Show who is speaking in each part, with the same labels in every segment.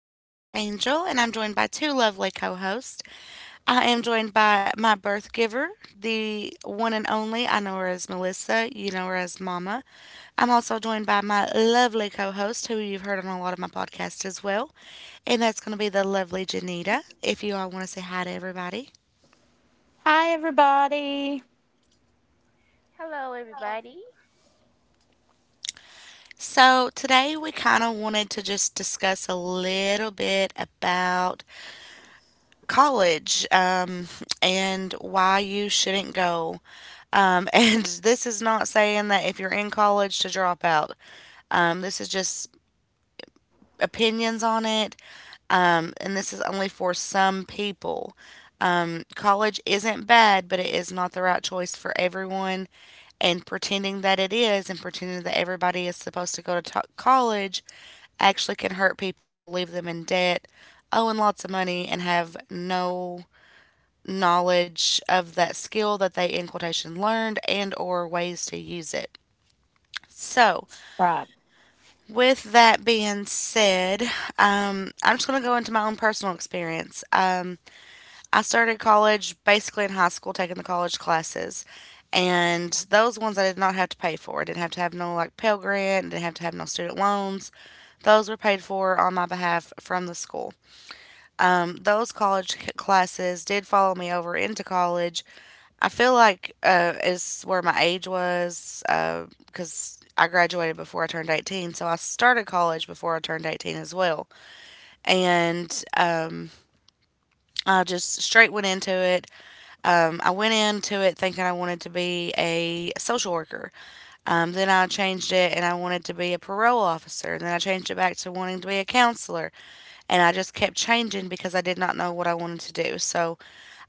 Speaker 1: host, Angel, and I'm joined by two lovely co hosts. I am joined by my birth giver, the one and only. I know her as Melissa, you know her as Mama. I'm also joined by my lovely co host, who you've heard on a lot of my podcasts as well, and that's going to be the lovely Janita, if you all want to say hi to everybody.
Speaker 2: Hi, everybody.
Speaker 3: Hello, everybody.
Speaker 1: So, today we kind of wanted to just discuss a little bit about college and why you shouldn't go. And this is not saying that if you're in college to drop out. This is just opinions on it. And this is only for some people. College isn't bad, but it is not the right choice for everyone. And pretending that it is and pretending that everybody is supposed to go to college actually can hurt people, leave them in debt, owing lots of money, and have no knowledge of that skill that they in quotation learned and or ways to use it. So,
Speaker 2: Right.
Speaker 1: with that being said, I'm just going to go into my own personal experience. I started college basically in high school, taking the college classes, and those ones I did not have to pay for. I didn't have to have no like Pell Grant, didn't have to have no student loans. Those were paid for on my behalf from the school. Those college classes did follow me over into college. I feel like it's where my age was because I graduated before I turned 18. So I started college before I turned 18 as well. And I just straight went into it. I went into it thinking I wanted to be a social worker. Then I changed it and I wanted to be a parole officer. And then I changed it back to wanting to be a counselor, and I just kept changing because I did not know what I wanted to do. So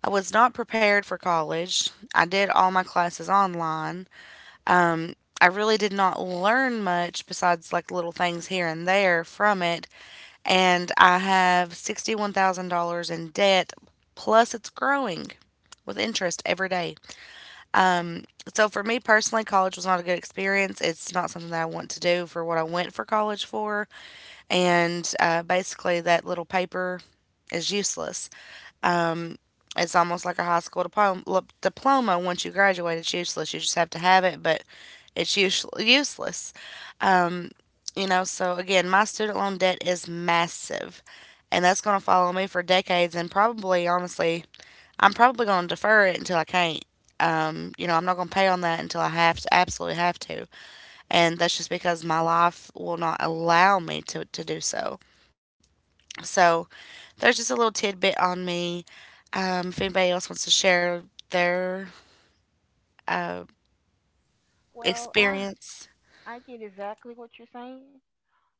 Speaker 1: I was not prepared for college. I did all my classes online. I really did not learn much besides like little things here and there from it. And I have $61,000 in debt, plus it's growing with interest every day. So for me personally, college was not a good experience. It's not something that I want to do for what I went for college for. And basically, that little paper is useless. It's almost like a high school diploma. Once you graduate, it's useless. You just have to have it, but it's useless. You know. So again, my student loan debt is massive, and that's going to follow me for decades. And probably, honestly, I'm probably going to defer it until I can't. You know, I'm not going to pay on that until I have to, absolutely have to. And that's just because my life will not allow me to do so. So there's just a little tidbit on me. If anybody else wants to share their uh,
Speaker 3: Well, I
Speaker 1: experience.
Speaker 3: I get exactly what you're saying.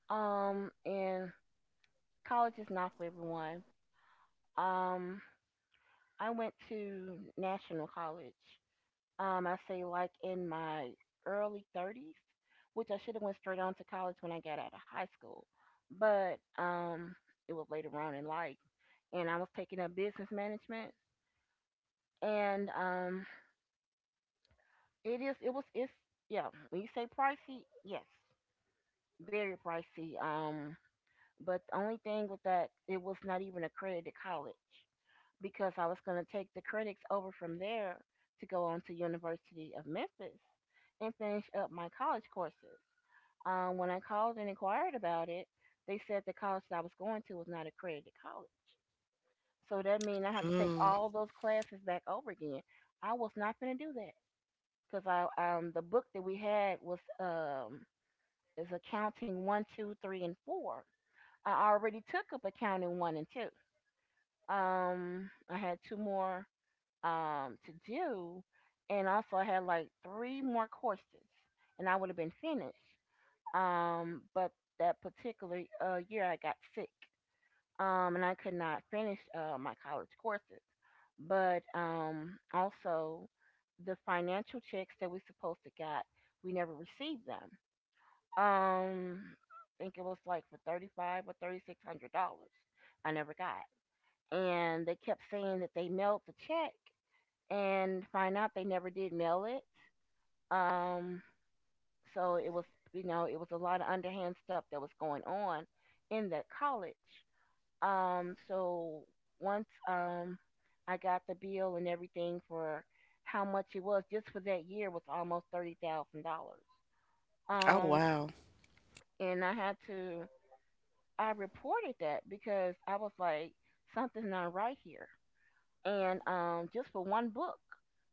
Speaker 3: And college is not for everyone. Um, I went to national college. I say like in my early 30s, which I should have went straight on to college when I got out of high school, but it was later on in life, and I was taking up business management, and it is it was it's yeah. When you say pricey, yes, very pricey. But the only thing with that, it was not even accredited college because I was going to take the credits over from there to go on to University of Memphis and finish up my college courses. When I called and inquired about it, they said the college that I was going to was not accredited college. So that means I had to take
Speaker 1: Mm.
Speaker 3: all those classes back over again. I was not going to do that because I the book that we had was is accounting one, two, three, and four. I already took up accounting one and two. I had two more to do, and also I had like three more courses, and I would have been finished. But that particular year I got sick, and I could not finish my college courses. But also, the financial checks that we supposed to got, we never received them. Um, I think it was like for thirty five or thirty six hundred dollars. I never got, and they kept saying that they mailed the check and find out they never did mail it. Um, so it was a lot of underhand stuff that was going on in that college. So once, I got the bill and everything for how much it was just for that year was almost $30,000.
Speaker 1: Oh,
Speaker 3: Um,
Speaker 1: wow.
Speaker 3: and I had to, I reported that because I was like, something's not right here. And just for one book,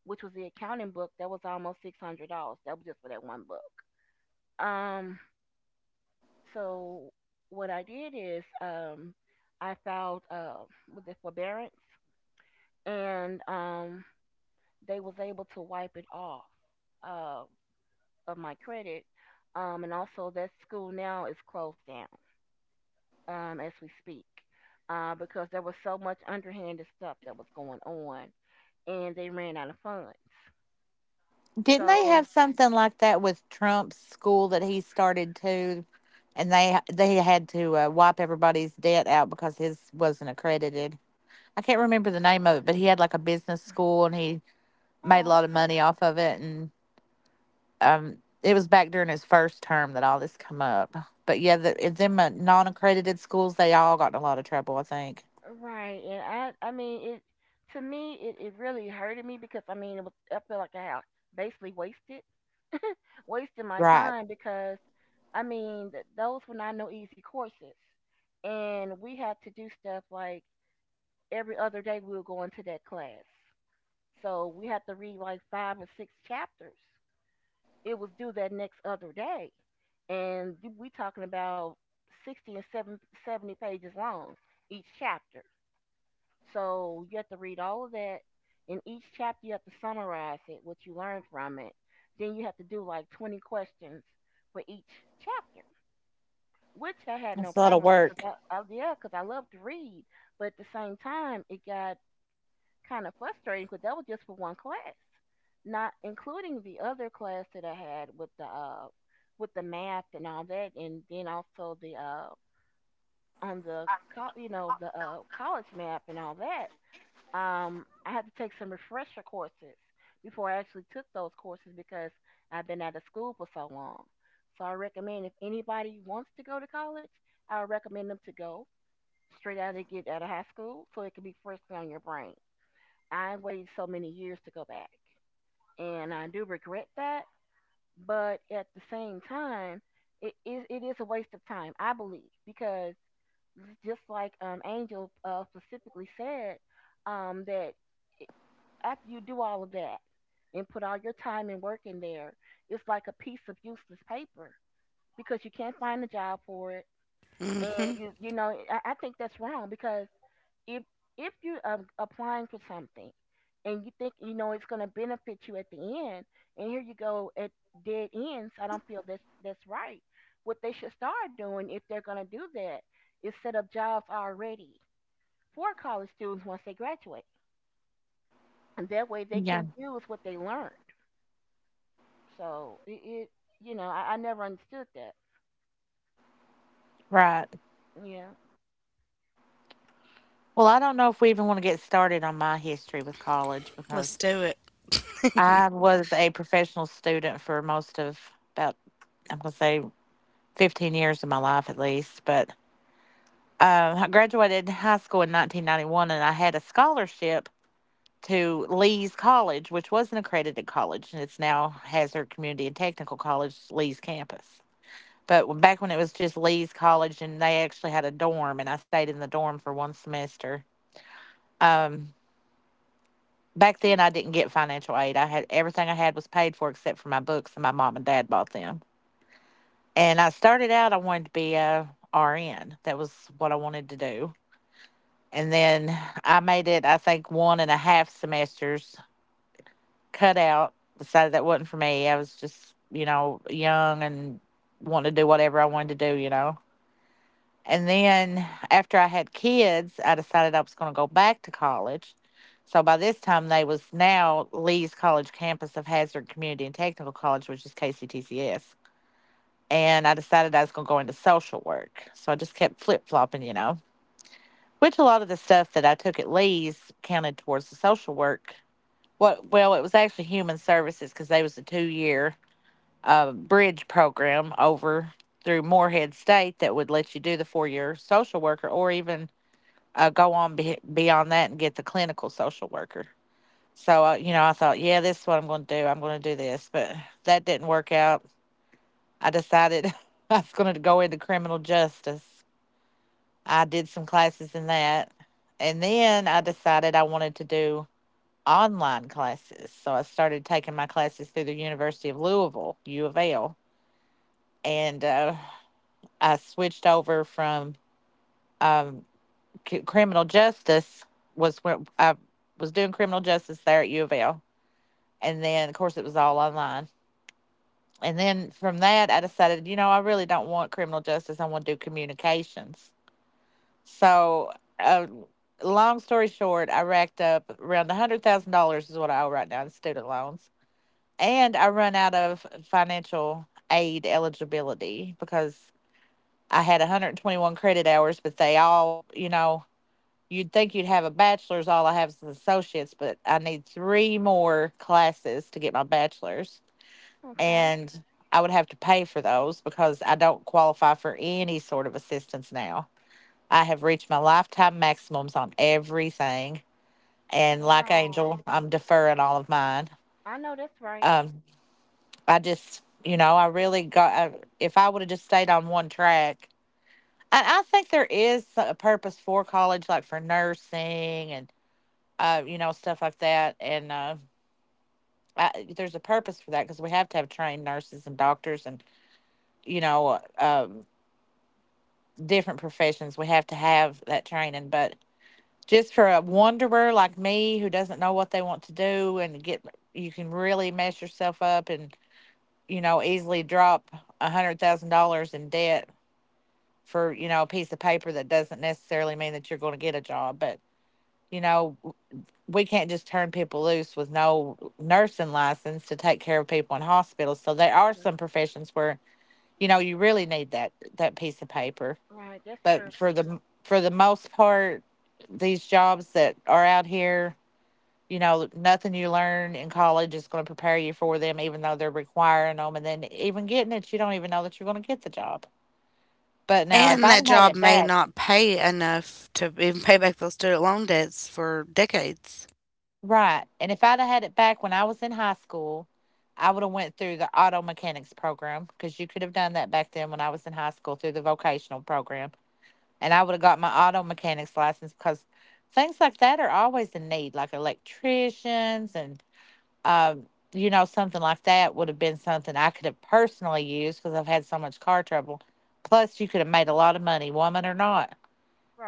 Speaker 3: which was the accounting book, that was almost $600. That was just for that one book. Um, so what I did is, I filed, with the forbearance, and they was able to wipe it off uh, of my credit. And also that school now is closed down, as we speak. Because there was so much underhanded stuff that was going on, and they ran out of funds.
Speaker 2: Didn't they have
Speaker 3: So.
Speaker 2: something like that with Trump's school that he started too? And they had to wipe everybody's debt out because his wasn't accredited. I can't remember the name of it, but he had like a business school and he made a
Speaker 3: Oh,
Speaker 2: lot of
Speaker 3: okay.
Speaker 2: money off of it. And um, it was back during his first term that all this come up. But yeah, if them non accredited schools, they all got in a lot of trouble, I think.
Speaker 3: Right. And I mean it to me, it really hurted me because I mean it was I feel like I had basically wasted my
Speaker 2: Right.
Speaker 3: time because I mean those were not no easy courses. And we had to do stuff like every other day we were going to that class. So we had to read like five or six chapters. It was due that next other day. And we talking about 60 and seven, 70 pages long each chapter. So you have to read all of that. In each chapter, you have to summarize it, what you learned from it. Then you have to do like 20 questions for each chapter, which I had no
Speaker 2: That's a lot
Speaker 3: problem
Speaker 2: of
Speaker 3: with that
Speaker 2: work.
Speaker 3: because yeah, 'cause I love to read. But at the same time, it got kind of frustrating because that was just for one class, not including the other class that I had with the math and all that, and then also the on the the college map and all that, I had to take some refresher courses before I actually took those courses because I've been out of school for so long. So I recommend if anybody wants to go to college, I would recommend them to go straight out of get out of high school so it can be freshly on your brain. I waited so many years to go back, and I do regret that. But at the same time, it is a waste of time, I believe, because just like, Angel specifically said, um, that i- after you do all of that and put all your time and work in there, it's like a piece of useless paper because you can't find a job for it. And
Speaker 1: Hmm.
Speaker 3: I think that's wrong because if if you, applying for something and you think you know it's going to benefit you at the end, and here you go at dead ends, I don't feel that's right. What they should start doing if they're going to do that is set up jobs already for college students once they graduate, and that way they
Speaker 2: Yeah.
Speaker 3: can use what they learn. So it you know, I never understood that.
Speaker 2: Right.
Speaker 3: Yeah.
Speaker 2: Well, I don't know if we even want to get started on my history with college
Speaker 1: Let's
Speaker 2: because
Speaker 1: do it.
Speaker 2: I was a professional student for most of about, I'm going to say 15 years of my life at least. But I graduated high school in 1991 and I had a scholarship to Lee's College, which was an accredited college, and it's now Hazard Community and Technical College, Lee's campus. But back when it was just Lee's College, and they actually had a dorm and I stayed in the dorm for one semester. Um, Back then, I didn't get financial aid. I had everything I had was paid for except for my books, and my mom and dad bought them. And I started out, I wanted to be a RN. That was what I wanted to do. And then I made it, I think, one and a half semesters, cut out, decided that wasn't for me. I was just, you know, young and wanted to do whatever I wanted to do, you know. And then after I had kids, I decided I was going to go back to college. So by this time, they was now Lee's College campus of Hazard Community and Technical College, which is KCTCS. And I decided I was going to go into social work. So I just kept flip flopping, you know, which a lot of the stuff that I took at Lee's counted towards the social work. What? Well, it was actually human services because they was a 2 year bridge program over through Morehead State that would let you do the 4 year social worker, or even go on beyond that and get the clinical social worker. So, you know, I thought, yeah, this is what I'm going to do. I'm going to do this. But that didn't work out. I decided I was going to go into criminal justice. I did some classes in that. And then I decided I wanted to do online classes. So I started taking my classes through the University of Louisville, U of L. And I switched over from um, criminal justice was where I was doing criminal justice there at U of L. And then, of course, it was all online. And then from that, I decided, you know, I really don't want criminal justice. I want to do communications. So, uh, long story short, I racked up around $100,000 is what I owe right now in student loans. And I run out of financial aid eligibility because I had 121 credit hours, but they all, you know, you'd think you'd have a bachelor's. All I have is an associate's, but I need three more classes to get my bachelor's.
Speaker 3: Okay.
Speaker 2: And I would have to pay for those because I don't qualify for any sort of assistance now. I have reached my lifetime maximums on everything. And like
Speaker 3: Wow.
Speaker 2: Angel, I'm deferring all of mine.
Speaker 3: I know that's right.
Speaker 2: Um, I just, you know, I really got, I, if I would have just stayed on one track, and I think there is a purpose for college, like for nursing and you know, stuff like that. And there's a purpose for that because we have to have trained nurses and doctors and, you know, different professions. We have to have that training. But just for a wanderer like me who doesn't know what they want to do and get, you can really mess yourself up and, you know, easily drop a $100,000 in debt for, you know, a piece of paper that doesn't necessarily mean that you're going to get a job. But, you know, we can't just turn people loose with no nursing license to take care of people in hospitals. So there are
Speaker 3: Mm,
Speaker 2: some professions where you know you really need that piece of paper.
Speaker 3: right. That's true.
Speaker 2: But for the most part, these jobs that are out here, you know, nothing you learn in college is going to prepare you for them, even though they're requiring them. And then even getting it, you don't even know that you're going to get the job. But now, if
Speaker 1: And
Speaker 2: I'd
Speaker 1: that
Speaker 2: had
Speaker 1: job
Speaker 2: it
Speaker 1: may
Speaker 2: back,
Speaker 1: not pay enough to even pay back those student loan debts for decades.
Speaker 2: right. And if I'd have had it back when I was in high school, I would have went through the auto mechanics program because you could have done that back then when I was in high school through the vocational program. And I would have got my auto mechanics license because things like that are always in need, like electricians and, um, you know, something like that would have been something I could have personally used because I've had so much car trouble. Plus, you could have made a lot of money, woman or not.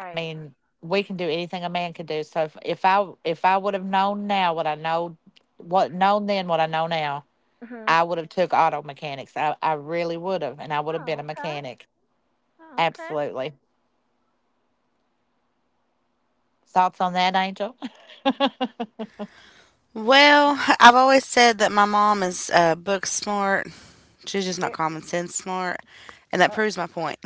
Speaker 2: I mean, we can do anything a man can do. So if I would have known then what I know now,
Speaker 3: Hmm.
Speaker 2: I would have took auto mechanics. I really would have, and I would have been
Speaker 3: Oh,
Speaker 2: a
Speaker 3: okay.
Speaker 2: mechanic.
Speaker 3: Oh, okay.
Speaker 2: Absolutely. Thoughts on that, Angel?
Speaker 1: Well, I've always said that my mom is book smart. She's just not
Speaker 3: Ve-
Speaker 1: common sense smart. And that
Speaker 3: uh,
Speaker 1: proves my point.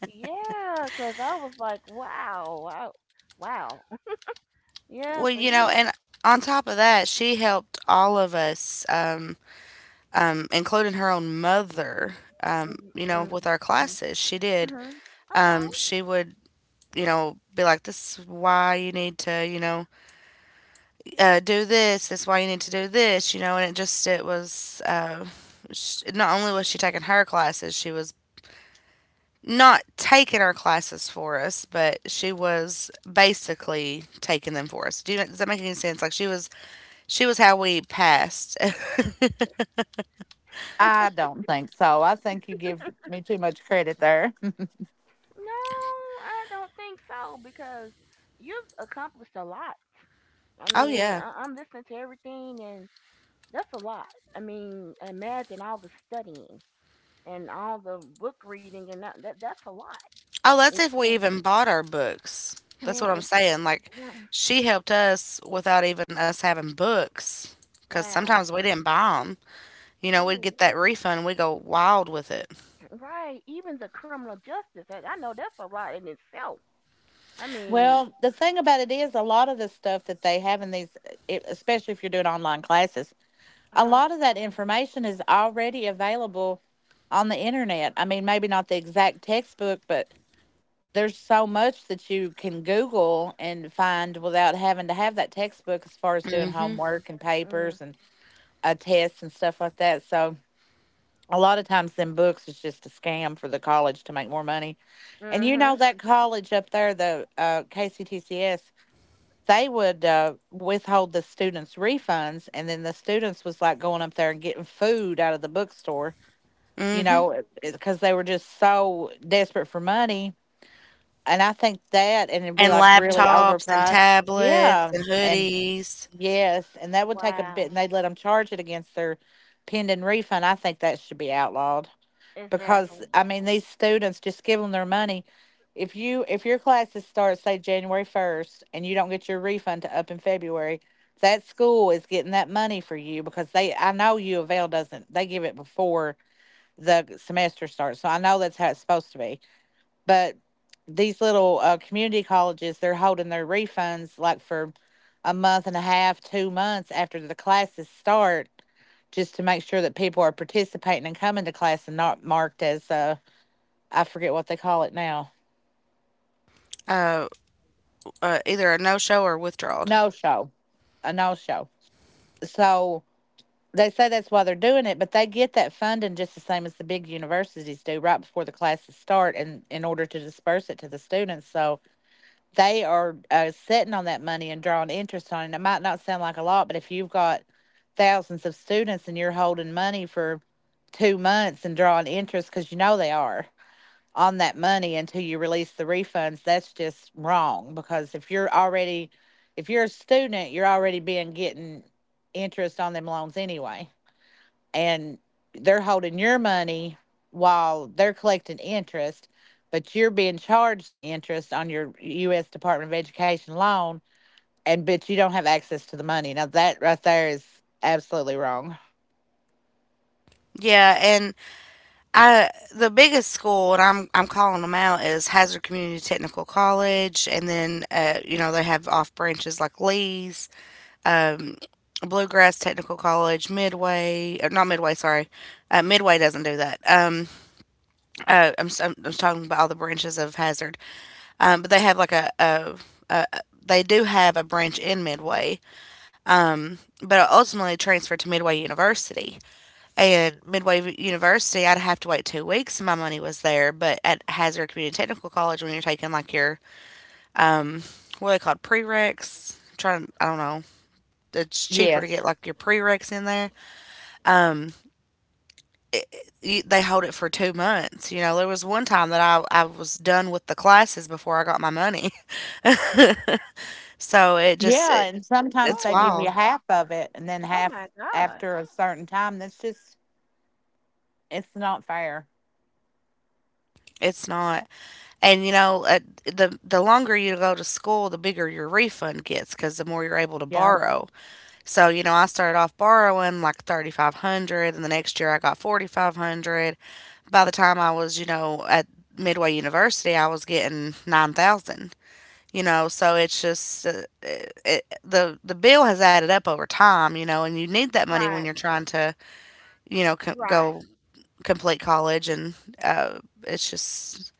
Speaker 3: yeah, because I was like, wow, wow, wow. Yeah.
Speaker 1: Well,
Speaker 3: So
Speaker 1: you know,
Speaker 3: you.
Speaker 1: and on top of that, she helped all of us, including her own mother, you know, with our
Speaker 3: Mm-hmm.
Speaker 1: classes. She did.
Speaker 3: Okay.
Speaker 1: She would, you know, be like, "This is why you need to, you know, do this. This is why you need to do this." You know, and it was. Sh not only was she taking her classes, she was not taking our classes for us, but she was basically taking them for us. Do you, does that make any sense? She was how we passed.
Speaker 2: I don't think so. I think you give me too much credit there.
Speaker 3: No, I don't think so because you've accomplished a lot. I
Speaker 1: Oh
Speaker 3: mean,
Speaker 1: yeah.
Speaker 3: I'm listening to everything, and that's a lot. I mean, imagine all the studying and all the book reading and that's a lot.
Speaker 1: Oh, that's
Speaker 3: And-
Speaker 1: if we
Speaker 3: and-
Speaker 1: even bought our books. That's what
Speaker 3: and-
Speaker 1: I'm saying. Like,
Speaker 3: and-
Speaker 1: she helped us without even us having books. Because sometimes
Speaker 3: wow.
Speaker 1: we didn't buy them. You know, we'd
Speaker 3: Ooh,
Speaker 1: get that refund. We go wild with it.
Speaker 3: right. Even the criminal justice, I know that's a lot in itself. I mean,
Speaker 2: Well, the thing about it is, a lot of the stuff that they have in these, especially if you're doing online classes, a
Speaker 3: huh?
Speaker 2: lot of that information is already available on the internet. I mean, maybe not the exact textbook, but there's so much that you can Google and find without having to have that textbook as far as doing
Speaker 1: Hmm.
Speaker 2: homework and
Speaker 3: Mm,
Speaker 2: papers and tests and stuff like that. So, a lot of times, them books is just a scam for the college to make more money. And you
Speaker 3: mm-hmm.
Speaker 2: know, that college up there, the KCTCS, they would withhold the students' refunds, and then the students was like going up there and getting food out of the bookstore, you
Speaker 1: Hmm.
Speaker 2: know, because they were just so desperate for money. And I think that, and it'd be
Speaker 1: And
Speaker 2: like really
Speaker 1: laptops and
Speaker 2: overpriced.
Speaker 1: tablets
Speaker 2: Yeah.
Speaker 1: and
Speaker 2: And
Speaker 1: hoodies.
Speaker 2: yes, and that would take a bit,
Speaker 3: Wow.
Speaker 2: and they'd let them charge it against their pending refund. I think that should be outlawed because
Speaker 3: Exactly.
Speaker 2: I mean these students just give them their money. If your classes start say January 1st and you don't get your refund to up in February, that school is getting that money for you because they I know U of L doesn't, they give it before the semester starts, so I know that's how it's supposed to be, but these little community colleges, they're holding their refunds like for a month and a half, 2 months after the classes start, just to make sure that people are participating and coming to class and not marked as I forget what they call it now,
Speaker 1: Uh, either a no show or withdrawal.
Speaker 2: no show, a no show. So they say that's why they're doing it, but they get that funding just the same as the big universities do right before the classes start, and in order to disperse it to the students. So they are sitting on that money and drawing interest on it. It might not sound like a lot, but if you've got thousands of students and you're holding money for 2 months and drawing interest, because you know they are on that money until you release the refunds, that's just wrong. Because if you're already, if you're a student, you're already being getting interest on them loans anyway, and they're holding your money while they're collecting interest, but you're being charged the interest on your U.S. Department of Education loan, and but you don't have access to the money. Now that right there is absolutely wrong.
Speaker 1: Yeah, and I the biggest school, and I'm calling them out, is Hazard Community Technical College, and then you know they have off branches like Lee's, um, Bluegrass Technical College, Midway, or not Midway, sorry. Midway doesn't do that. I'm talking about all the branches of Hazard. But they have like a, they do have a branch in Midway, but I ultimately transferred to Midway University. And Midway University, I'd have to wait 2 weeks, and my money was there. But at Hazard Community Technical College, when you're taking like your what are they called prereqs, trying I don't know, it's cheaper to get
Speaker 2: Yes.
Speaker 1: like your prereqs in there. it, they hold it for 2 months. You know, there was one time that I was done with the classes before I got my money. so it just
Speaker 2: Yeah,
Speaker 1: it,
Speaker 2: and sometimes
Speaker 1: it's
Speaker 2: they give you
Speaker 1: wild.
Speaker 3: Oh,
Speaker 2: half of it, and then
Speaker 3: oh my
Speaker 2: half
Speaker 3: God.
Speaker 2: after a certain time. That's just it's not fair.
Speaker 1: It's not, and you know, the longer you go to school, the bigger your refund gets because the more you're able to
Speaker 2: Yeah.
Speaker 1: borrow. So you know, I started off borrowing like 3,500, and the next year I got 4,500. By the time I was, you know, at Midway University, I was getting 9,000. You know, so it's just the bill has added up over time, you know, and you need that money when
Speaker 3: Right,
Speaker 1: you're trying to, you know,
Speaker 3: right,
Speaker 1: go complete college, and uh, it's just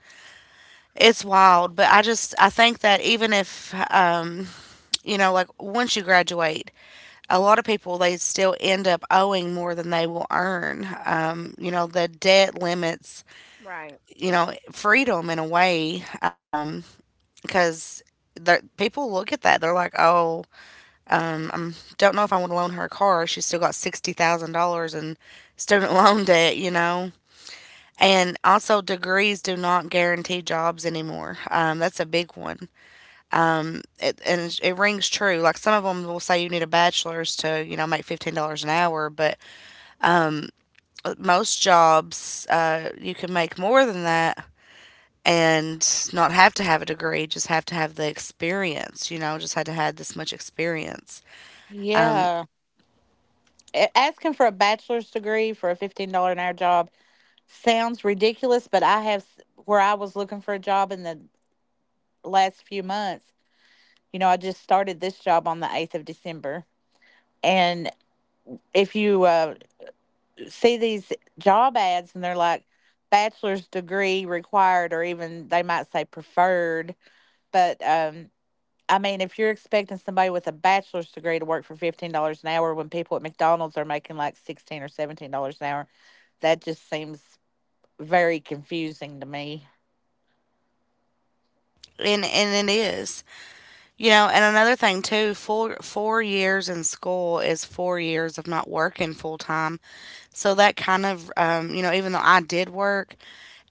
Speaker 1: it's wild. But I just I think that even if you know, like once you graduate, a lot of people they still end up owing more than they will earn. You know, the debt limits,
Speaker 3: right.
Speaker 1: you know, freedom in a way, because. People look at that. They're like, "Oh, don't know if I want to loan her a car. She's still got $60,000 in student loan debt, you know." And also, degrees do not guarantee jobs anymore. That's a big one, it rings true. Like some of them will say you need a bachelor's to, you know, make $15 an hour, but most jobs you can make more than that and not have to have a degree, just have to have the experience, you know, just had to have this much experience. Um,
Speaker 2: Yeah. A- asking for a bachelor's degree for a $15 an hour job sounds ridiculous, but I have where I was looking for a job in the last few months. You know, I just started this job on the 8th of December. And if you see these job ads and they're like bachelor's degree required, or even they might say preferred, but I mean, if you're expecting somebody with a bachelor's degree to work for $15 an hour when people at McDonald's are making like 16 or $17 an hour, that just seems very confusing to me.
Speaker 1: and it is. You know, and another thing too, four years in school is 4 years of not working full time. So that kind of, you know, even though I did work,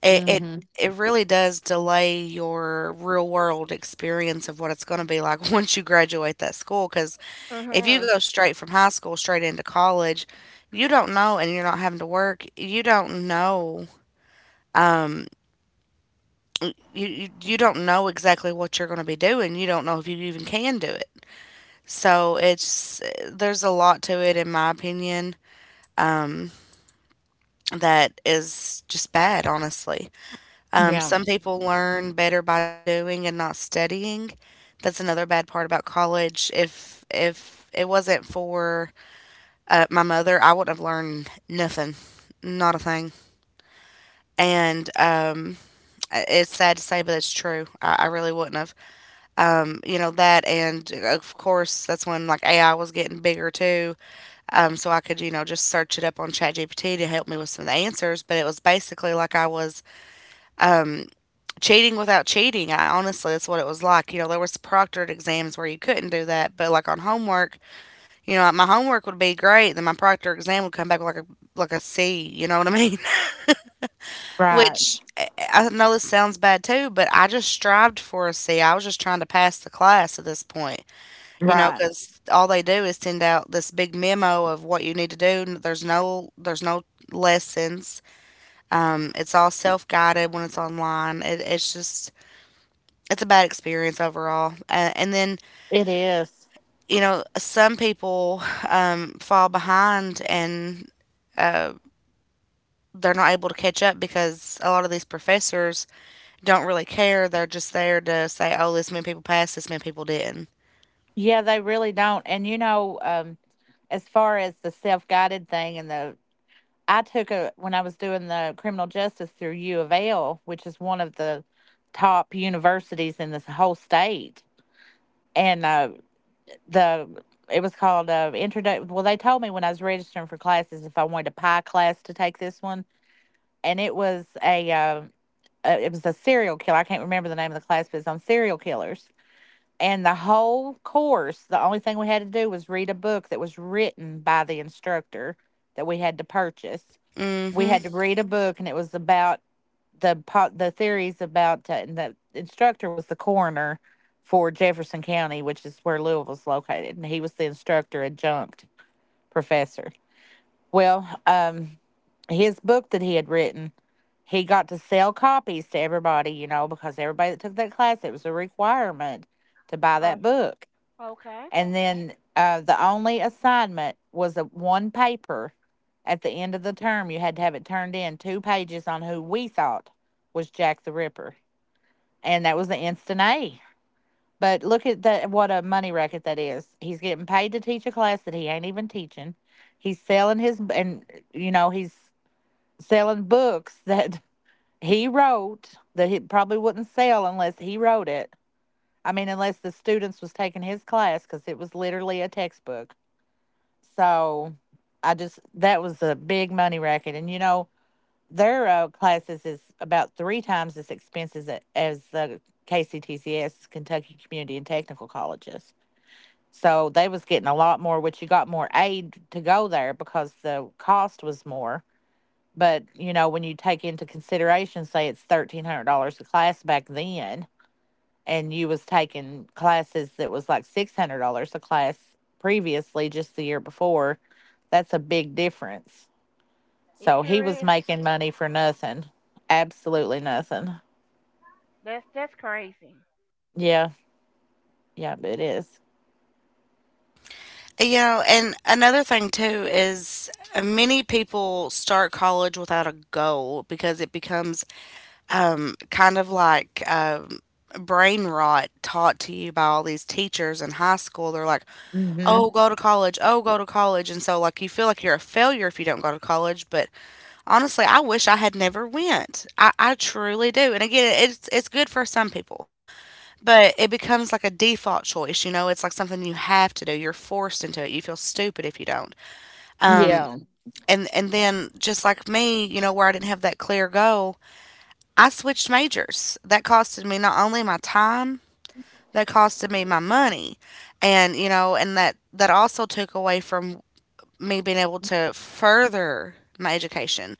Speaker 1: it, it
Speaker 2: Mm-hmm.
Speaker 1: it really does delay your real world experience of what it's going to be like once you graduate that school. Because if you
Speaker 3: Mm-hmm.
Speaker 1: go straight from high school straight into college, you don't know, and you're not having to work. You don't know, you you don't know exactly what you're going to be doing. You don't know if you even can do it. So it's there's a lot to it in my opinion that is just bad, honestly.
Speaker 2: Yeah.
Speaker 1: Some people learn better by doing and not studying. That's another bad part about college. If it wasn't for my mother, I wouldn't have learned nothing, not a thing. And it's sad to say, but it's true. I really wouldn't have. You know that, and of course, that's when like AI was getting bigger too, so I could, you know, just search it up on ChatGPT to help me with some of the answers. But it was basically like I was cheating without cheating. I honestly, that's what it was like. You know, there was proctored exams where you couldn't do that, but like on homework, you know, my homework would be great, then my proctor exam would come back like a C. You know what I mean?
Speaker 2: Right.
Speaker 1: Which I know this sounds bad too, but I just strived for a C. I was just trying to pass the class at this point. You know,
Speaker 2: Right.
Speaker 1: because all they do is send out this big memo of what you need to do, and there's no lessons. It's all self-guided when it's online. It's just it's a bad experience overall. And then,
Speaker 2: It is.
Speaker 1: you know, some people fall behind and uh, they're not able to catch up because a lot of these professors don't really care. They're just there to say, "Oh, this many people passed, this many people didn't."
Speaker 2: Yeah, they really don't. And as far as the self guided thing and the I took a when I was doing the criminal justice through U of L, which is one of the top universities in this whole state, and the it was called introduction. Well, they told me when I was registering for classes if I wanted a pie class to take this one, and it was a serial killer. I can't remember the name of the class, but it's on serial killers. And the whole course, the only thing we had to do was read a book that was written by the instructor that we had to purchase. We had
Speaker 1: Mhm.
Speaker 2: to read a book, and it was about the theories about and the instructor was the coroner for Jefferson County, which is where Louisville's located, and he was the instructor adjunct professor. Well, um, his book that he had written, he got to sell copies to everybody, you know, because everybody that took that class, it was a requirement to buy
Speaker 3: Oh,
Speaker 2: that book,
Speaker 3: okay.
Speaker 2: and then the only assignment was a one paper at the end of the term. You had to have it turned in, two pages on who we thought was Jack the Ripper, and that was the instant A. But look at that! What a money racket that is. He's getting paid to teach a class that he ain't even teaching. He's selling his and you know he's selling books that he wrote that he probably wouldn't sell unless he wrote it. I mean, unless the students was taking his class because it was literally a textbook. So I just that was a big money racket, and you know their classes is about three times as expensive as the KCTCS, Kentucky Community and Technical Colleges. So they was getting a lot more, which you got more aid to go there because the cost was more. But you know when you take into consideration, say it's $1,300 a class back then, and you was taking classes that was like $600 a class previously, just the year before, that's a big difference.
Speaker 3: It
Speaker 2: So he
Speaker 3: sure
Speaker 2: was
Speaker 3: is.
Speaker 2: making money for nothing, absolutely nothing.
Speaker 3: That's crazy.
Speaker 2: Yeah, yeah, it is.
Speaker 1: You know, and another thing too is many people start college without a goal because it becomes kind of like brain rot taught to you by all these teachers in high school. They're like, oh,
Speaker 2: Mm-hmm.
Speaker 1: go to college, oh, go to college. And so, like, you feel like you're a failure if you don't go to college. But honestly, I wish I had never went. I truly do. And again, it's good for some people. But it becomes like a default choice, you know, it's like something you have to do. You're forced into it. You feel stupid if you don't.
Speaker 2: Yeah.
Speaker 1: And then just like me, you know, where I didn't have that clear goal, I switched majors. That costed me not only my time, that costed me my money. And, you know, and that also took away from me being able to further my education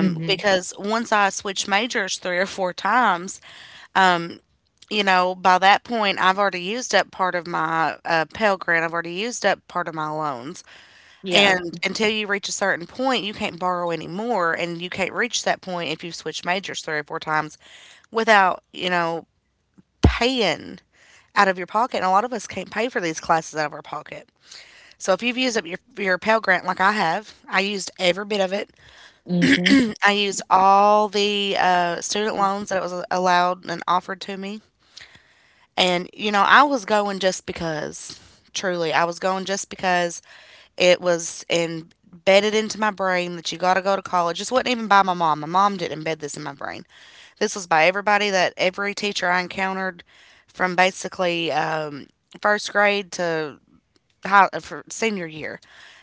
Speaker 2: Mm-hmm.
Speaker 1: because once I switched majors three or four times, you know, by that point, I've already used up part of my Pell Grant. I've already used up part of my loans.
Speaker 2: Yeah.
Speaker 1: And until you reach a certain point, you can't borrow anymore. And you can't reach that point if you've switched majors three or four times without, you know, paying out of your pocket. And a lot of us can't pay for these classes out of our pocket. So if you've used up your Pell Grant like I have, I used every bit of it.
Speaker 2: Mm-hmm.
Speaker 1: I used all the student loans that was allowed and offered to me. And, you know, I was going just because, truly, I was going just because it was embedded into my brain that you got to go to college. This wasn't even by my mom. My mom didn't embed this in my brain. This was by everybody that every teacher I encountered from basically first grade to for senior year,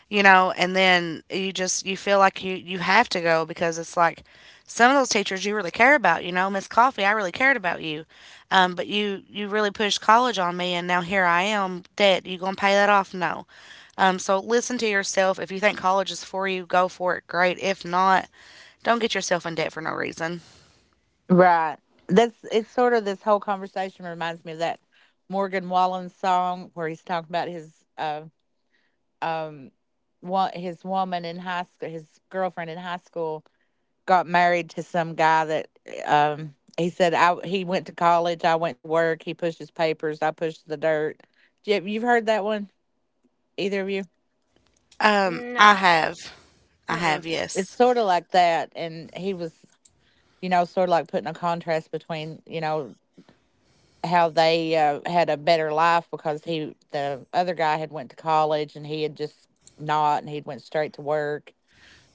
Speaker 1: you know, and then you just you feel like you have to go because it's like some of those teachers you really care about, you know, Miss Coffee, I really cared about you, but you really pushed college on me, and now here I am, debt. You gonna pay that off? No. So listen to yourself. If you think college is for you, go for it. Great. If not, don't get yourself in debt for no reason.
Speaker 2: Right. That's it's sort of this whole conversation reminds me of that Morgan Wallen song where he's talking about his um, his woman in high school, his girlfriend in high school, got married to some guy that he said I he went to college, I went to work, he pushed his papers, I pushed the dirt. Yeah, you've heard that one, either of you?
Speaker 1: Um, I
Speaker 3: No.
Speaker 1: have, I
Speaker 3: Mm-mm.
Speaker 1: have,
Speaker 2: It's
Speaker 1: yes.
Speaker 2: sort of like that, and he was, you know, sort of like putting a contrast between, you know, how they had a better life because he the other guy had went to college and he had just not, and he'd went straight to work.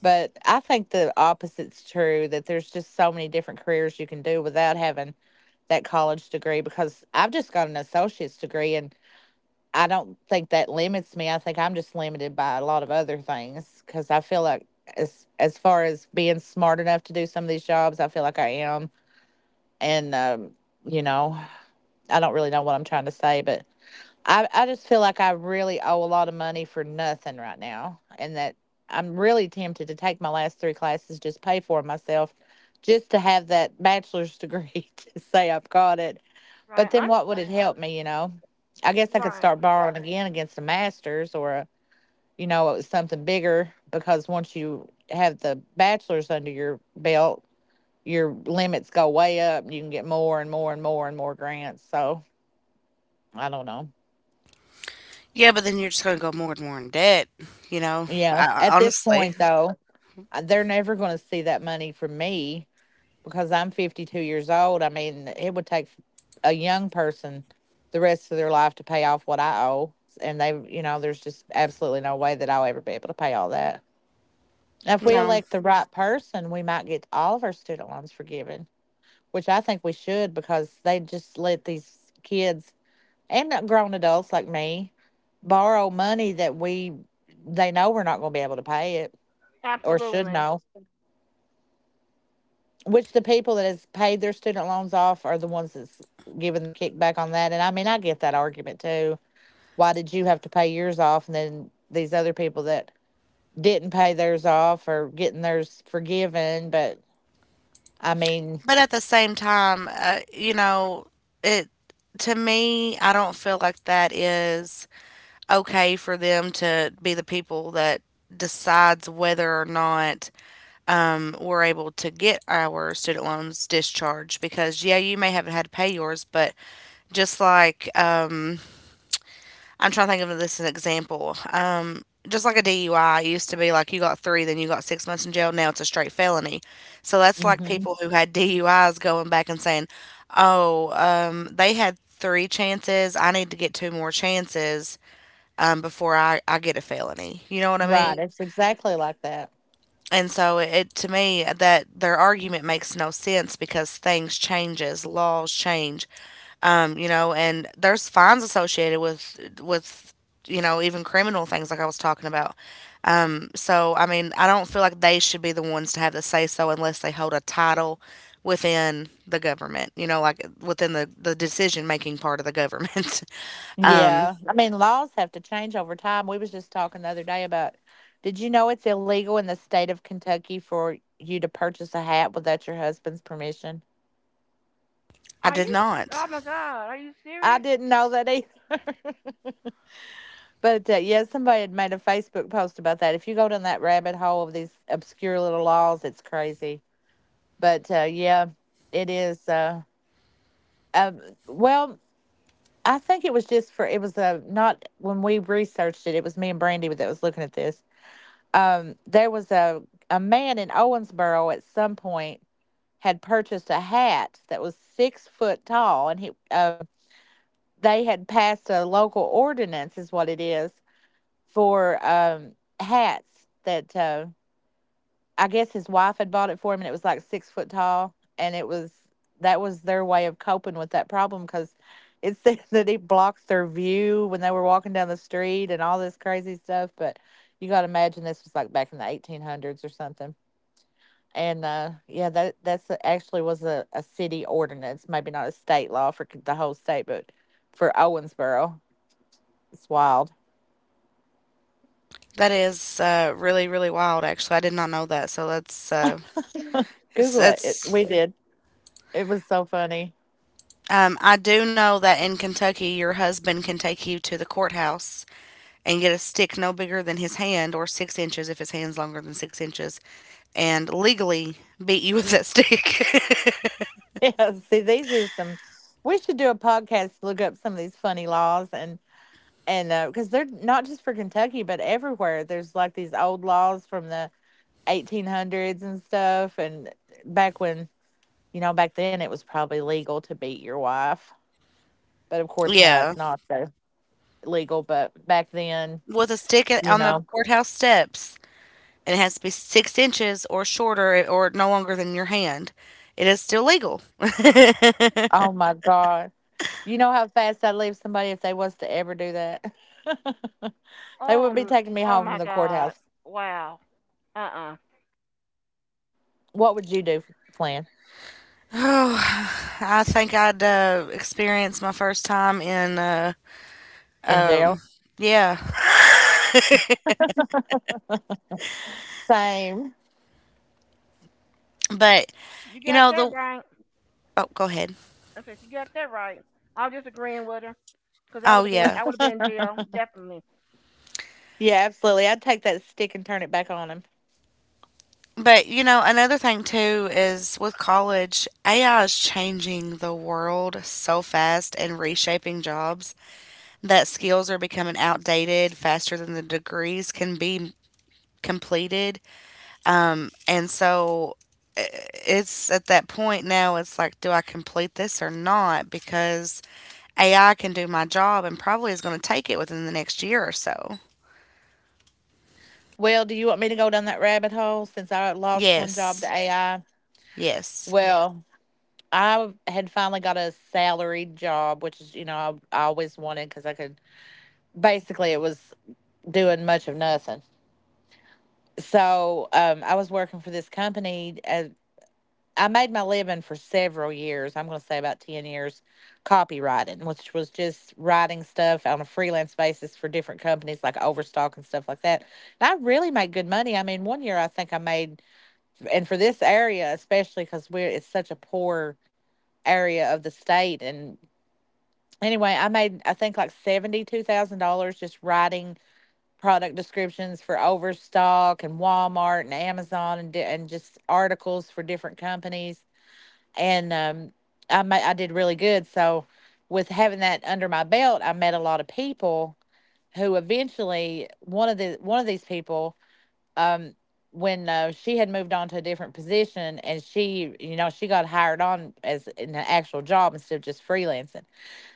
Speaker 2: But I think the opposite's true, that there's just so many different careers you can do without having that college degree, because I've just got an associate's degree and I don't think that limits me. I think I'm just limited by a lot of other things because I feel like as far as being smart enough to do some of these jobs, I feel like I am. And you know, I don't really know what I'm trying to say, but I just feel like I really owe a lot of money for nothing right now, and that I'm really tempted to take my last three classes, just pay for myself, just to have that bachelor's degree to say I've got it, but
Speaker 3: Right.
Speaker 2: then what would it help me, you know? I guess I could
Speaker 3: Right.
Speaker 2: start borrowing again against the masters or a, you know, it was something bigger because once you have the bachelor's under your belt, your limits go way up. You can get more and more and more and more grants. So I don't know.
Speaker 1: Yeah, but then you're just gonna go more and more in debt, you know.
Speaker 2: Yeah. At this
Speaker 1: Honestly,
Speaker 2: point, though, they're never going to see that money from me because I'm 52 years old. I mean, it would take a young person the rest of their life to pay off what I owe. And they, you know, there's just absolutely no way that I'll ever be able to pay all that. If we
Speaker 1: no.
Speaker 2: elect the right person, we might get all of our student loans forgiven, which I think we should because they just let these kids and grown adults like me borrow money that we they know we're not going to be able to pay it, or should
Speaker 3: Absolutely.
Speaker 2: know. Which the people that has paid their student loans off are the ones that's given the kickback on that. And I mean, I get that argument too. Why did you have to pay yours off, and then these other people that didn't pay theirs off are getting theirs forgiven? But I mean,
Speaker 1: But at the same time, you know, it to me, I don't feel like that is okay for them to be the people that decides whether or not we're able to get our student loans discharged. Because yeah, you may haven't had to pay yours, but just like I'm trying to think of this as an example. Just like a DUI, it used to be like you got three, then you got 6 months in jail. Now it's a straight felony. So that's like
Speaker 2: hmm,
Speaker 1: people who had DUIs going back and saying, oh, they had three chances. I need to get two more chances before I get a felony. You know what I mean?
Speaker 2: right? It's exactly like that.
Speaker 1: And so it to me that their argument makes no sense because things changes, laws change, you know, and there's fines associated with you know even criminal things like I was talking about. So I mean, I don't feel like they should be the ones to have the say so unless they hold a title within the government, you know, like within the decision making part of the government. um,
Speaker 2: Yeah, I mean, laws have to change over time. We was just talking the other day about. Did you know it's illegal in the state of Kentucky for you to purchase a hat without your husband's permission?
Speaker 1: I
Speaker 3: Are
Speaker 1: did
Speaker 3: you? Oh
Speaker 1: not.
Speaker 3: my God. Are you
Speaker 2: I
Speaker 3: serious?
Speaker 2: didn't know that either. But yeah, somebody had made a Facebook post about that. If you go down that rabbit hole of these obscure little laws, it's crazy. But yeah, it is. Um, well, I think it was just for it was not when we researched it. It was me and Brandy that was looking at this. There was a man in Owensboro at some point had purchased a hat that was 6 foot tall, and he they had passed a local ordinance, is what it is, for hats that I guess his wife had bought it for him, and it was like 6 foot tall, and it was that was their way of coping with that problem because it said that it blocked their view when they were walking down the street and all this crazy stuff. But you got to imagine this was like back in the 1800s or something. And yeah, that's actually was a city ordinance, maybe not a state law for the whole state, but for Owensboro, it's wild.
Speaker 1: That is really really wild. Actually, I did not know that. So that's it's
Speaker 2: Google it. It
Speaker 1: it's.
Speaker 2: we did. It was so funny.
Speaker 1: I do know that in Kentucky, your husband can take you to the courthouse and get a stick no bigger than his hand or 6 inches if his hand's longer than 6 inches and legally beat you with that stick.
Speaker 2: Yeah, see, these are some. We should do a podcast to look up some of these funny laws, and because they're not just for Kentucky but everywhere. There's like these old laws from the 1800s and stuff, and back when you know back then it was probably legal to beat your wife, but of course now
Speaker 1: yeah.
Speaker 2: it's not so legal. But back then,
Speaker 1: With a stick
Speaker 2: you
Speaker 1: on the
Speaker 2: know,
Speaker 1: courthouse steps. And it has to be 6 inches or shorter or no longer than your hand. It is still legal. oh,
Speaker 2: oh my God, you know how fast I'd leave somebody if they was to ever do that. They would be
Speaker 3: Oh.
Speaker 2: taking me
Speaker 3: Oh
Speaker 2: home from
Speaker 3: my
Speaker 2: the
Speaker 3: God.
Speaker 2: courthouse.
Speaker 3: Wow. Uh. Uh.
Speaker 2: What would you do, Flynn?
Speaker 1: I think I'd experienced my first time in,
Speaker 2: In jail.
Speaker 1: um, yeah.
Speaker 2: Same.
Speaker 1: but,
Speaker 3: You
Speaker 1: you
Speaker 3: got
Speaker 1: know,
Speaker 3: that
Speaker 1: the.
Speaker 3: right.
Speaker 1: Oh, go ahead.
Speaker 3: I said you got that right. I was just agreeing with her because I
Speaker 1: Oh,
Speaker 3: would have been.
Speaker 1: yeah.
Speaker 3: I would have been in jail. Definitely.
Speaker 2: Yeah, absolutely. I'd take that stick and turn it back on him.
Speaker 1: But you know, another thing too is with college, AI is changing the world so fast and reshaping jobs that skills are becoming outdated faster than the degrees can be completed. And so i- it's at that point now, it's like, do I complete this or not? Because AI can do my job and probably is going to take it within the next year or so.
Speaker 2: Well, do you want me to go down that rabbit hole since I lost one job to
Speaker 1: Yes.
Speaker 2: AI?
Speaker 1: Yes.
Speaker 2: Well, I had finally got a salaried job, which is, you know, I always wanted because I could basically, it was doing much of nothing. I was working for this company. As I made my living for several years. I'm going to say about 10 years copywriting, which was just writing stuff on a freelance basis for different companies like Overstock and stuff like that. And I really made good money. I mean, one year I think I made, and for this area, especially because we're, it's such a poor area of the state. And anyway, I made, I think like $72,000 just writing product descriptions for Overstock and Walmart and Amazon, and just articles for different companies, and I did really good. So, with having that under my belt, I met a lot of people who eventually one of these people, um, when she had moved on to a different position, and she, you know, she got hired on as in an actual job instead of just freelancing,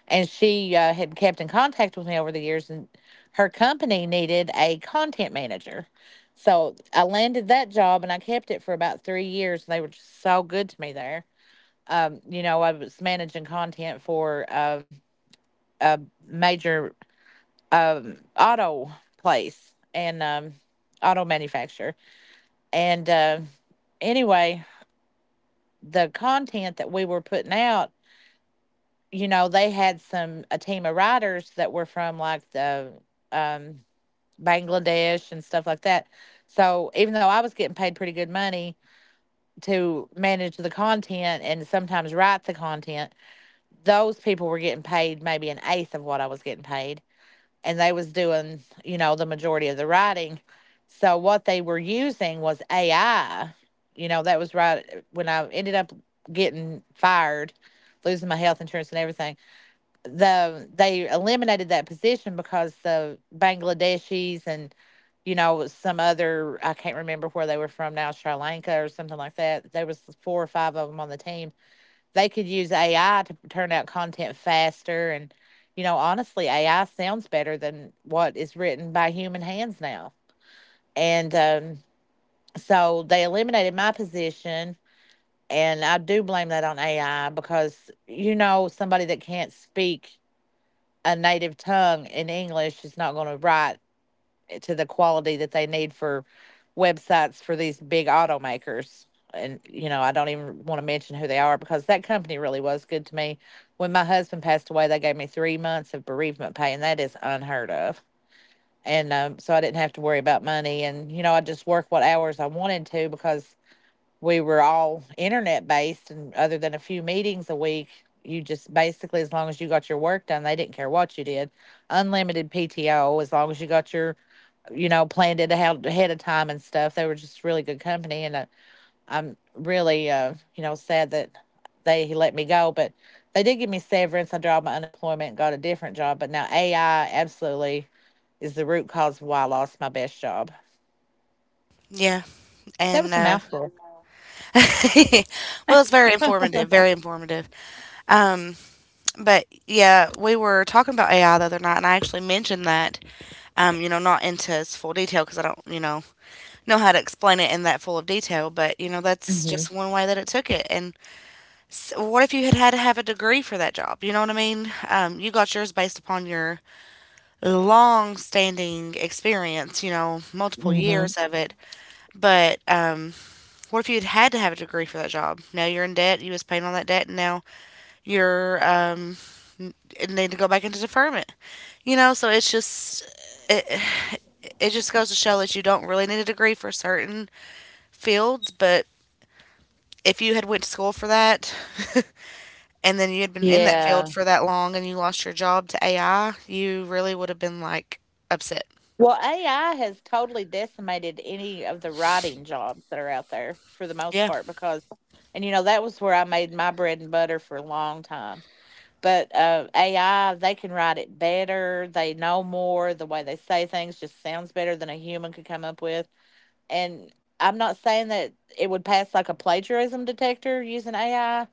Speaker 2: and she had kept in contact with me over the years, and her company needed a content manager. So I landed that job and I kept it for about 3 years. And they were just so good to me there, you know, I was managing content for a major auto place and auto manufacturer. And anyway, the content that we were putting out, you know, they had some a team of writers that were from like the um, Bangladesh and stuff like that. So even though I was getting paid pretty good money to manage the content and sometimes write the content, those people were getting paid maybe an eighth of what I was getting paid, and they was doing the majority of the writing. So what they were using was AI. That was right when I ended up getting fired, losing my health insurance and everything. They eliminated that position because the Bangladeshis and some other, I can't remember where they were from now, Sri Lanka or something like that. There was four or five of them on the team they could use AI to turn out content faster. And, honestly, AI sounds better than what is written by human hands now. And So they eliminated my position. And I do blame that on AI because, somebody that can't speak a native tongue in English is not going to write to the quality that they need for websites for these big automakers. And I don't even want to mention who they are because that company really was good to me. When my husband passed away, they gave me three months of bereavement pay, and that is unheard of. And so I didn't have to worry about money. And I just worked what hours I wanted to because we were all internet based, and other than a few meetings a week, you just basically as long as you got your work done, they didn't care what you did. Unlimited PTO as long as you got your planned it ahead of time and stuff. They were just really good company, and I'm really, sad that they let me go. But they did give me severance. I dropped my unemployment and got a different job. But now AI absolutely is the root cause of why I lost my best job.
Speaker 1: Yeah.
Speaker 2: That
Speaker 1: And
Speaker 2: was a mouthful.
Speaker 1: well, it's very informative, very informative. Um, but yeah, we were talking about AI the other night, and I actually mentioned that, you know, not into its full detail because I don't, you know how to explain it in that full of detail. But you know, that's
Speaker 2: hmm
Speaker 1: just one way that it took it. And s what if you had had to have a degree for that job? You know what I mean? You got yours based upon your long-standing experience, you know, multiple
Speaker 2: hmm
Speaker 1: years of it. But what if you had had to have a degree for that job? Now you're in debt. You was paying on that debt, and now your and need to go back into deferment you know so it's just it just goes to show that you don't really need a degree for certain fields but if you had went to school for that and then you had been in that field
Speaker 2: Yeah.
Speaker 1: for that long and you lost your job to ai you really would have been like upset
Speaker 2: Well, AI has totally decimated any of the writing jobs that are out there for the most
Speaker 1: yeah
Speaker 2: part because, and that was where I made my bread and butter for a long time. But AI, they can write it better. They know more. The way they say things just sounds better than a human could come up with. And I'm not saying that it would pass like a plagiarism detector using AI,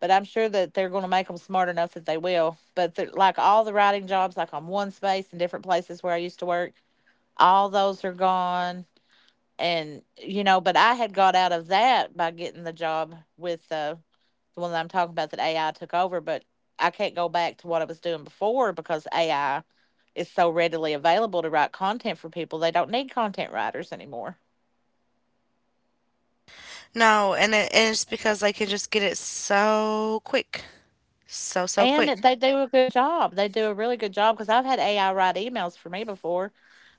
Speaker 2: but I'm sure that they're going to make them smart enough that they will. But like all the writing jobs, like on one space in different places where I used to work, all those are gone. And, but I had got out of that by getting the job with the one that I'm talking about that AI took over, but I can't go back to what I was doing before because AI is so readily available to write content for people. They don't need content writers anymore.
Speaker 1: no and, and it's because they can just get it so quick so
Speaker 2: And
Speaker 1: quick
Speaker 2: they do a good job. They do a really good job because I've had AI write emails for me before.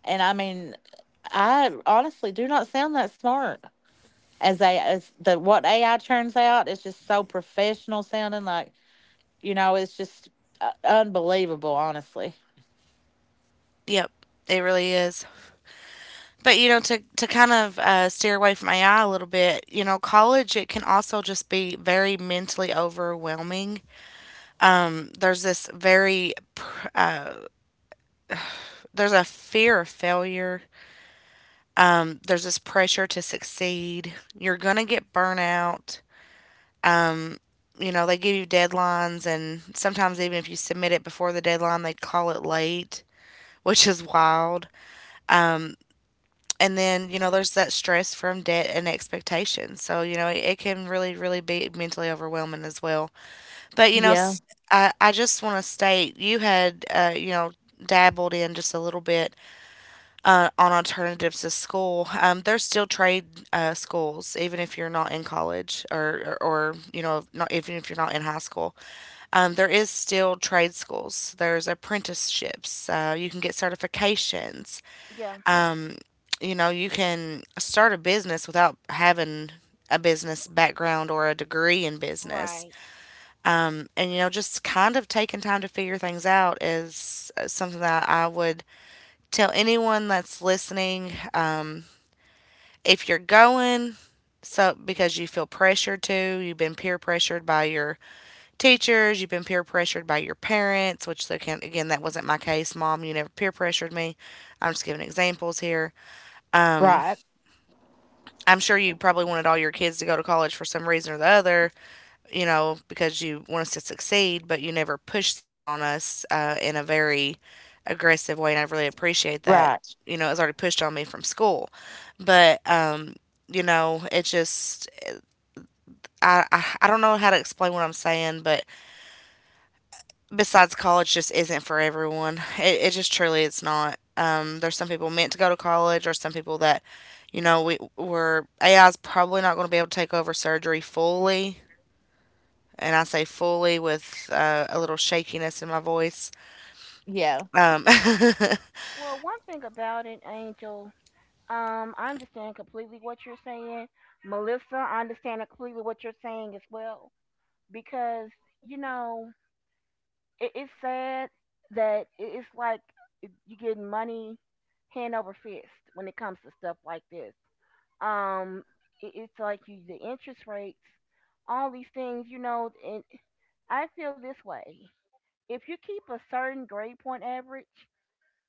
Speaker 2: And I mean, I honestly do not sound that smart as the what AI turns out is just so professional sounding like, you know, it's just unbelievable, honestly.
Speaker 1: yep it really is. But you know, to kind of steer away from AI a little bit, you know, college it can also just be very mentally overwhelming. There's this very there's a fear of failure. There's this pressure to succeed. You're gonna get burnout. You know, they give you deadlines, and sometimes even if you submit it before the deadline, they call it late, which is wild. And then you know, there's that stress from debt and expectations. So you know, it can really, really be mentally overwhelming as well. But you know,
Speaker 2: Yeah.
Speaker 1: I just want to state you had you know dabbled in just a little bit on alternatives to school. There's still trade schools, even if you're not in college or you know not even if you're not in high school. There is still trade schools. There's apprenticeships. You can get certifications.
Speaker 3: Yeah.
Speaker 1: You know, you can start a business without having a business background or a degree in business.
Speaker 3: Right.
Speaker 1: And you know just kind of taking time to figure things out is something that I would tell anyone that's listening if you're going so because you feel pressured to you've been peer pressured by your teachers you've been peer pressured by your parents which they can again that wasn't my case mom you never peer pressured me I'm just giving examples here
Speaker 2: Right.
Speaker 1: I'm sure you probably wanted all your kids to go to college for some reason or the other you know, because you want us to succeed, but you never push that on us in a very aggressive way. And I really appreciate that.
Speaker 2: Right.
Speaker 1: You know, it was already pushed on me from school. But, you know, it just, I don't know how to explain what I'm saying, but besides college just isn't for everyone. It just truly it's not. There's some people meant to go to college or some people that, you know, AI is probably not going to be able to take over surgery fully and I say fully with a little shakiness in my voice.
Speaker 2: Yeah.
Speaker 1: Um,
Speaker 3: Well, one thing about it, Angel. I understand completely what you're saying, Melissa. I understand completely what you're saying as well because you know it's sad that it's like, you get money hand over fist when it comes to stuff like this. Um, it's like you the interest rates, all these things, you know. And I feel this way: if you keep a certain grade point average,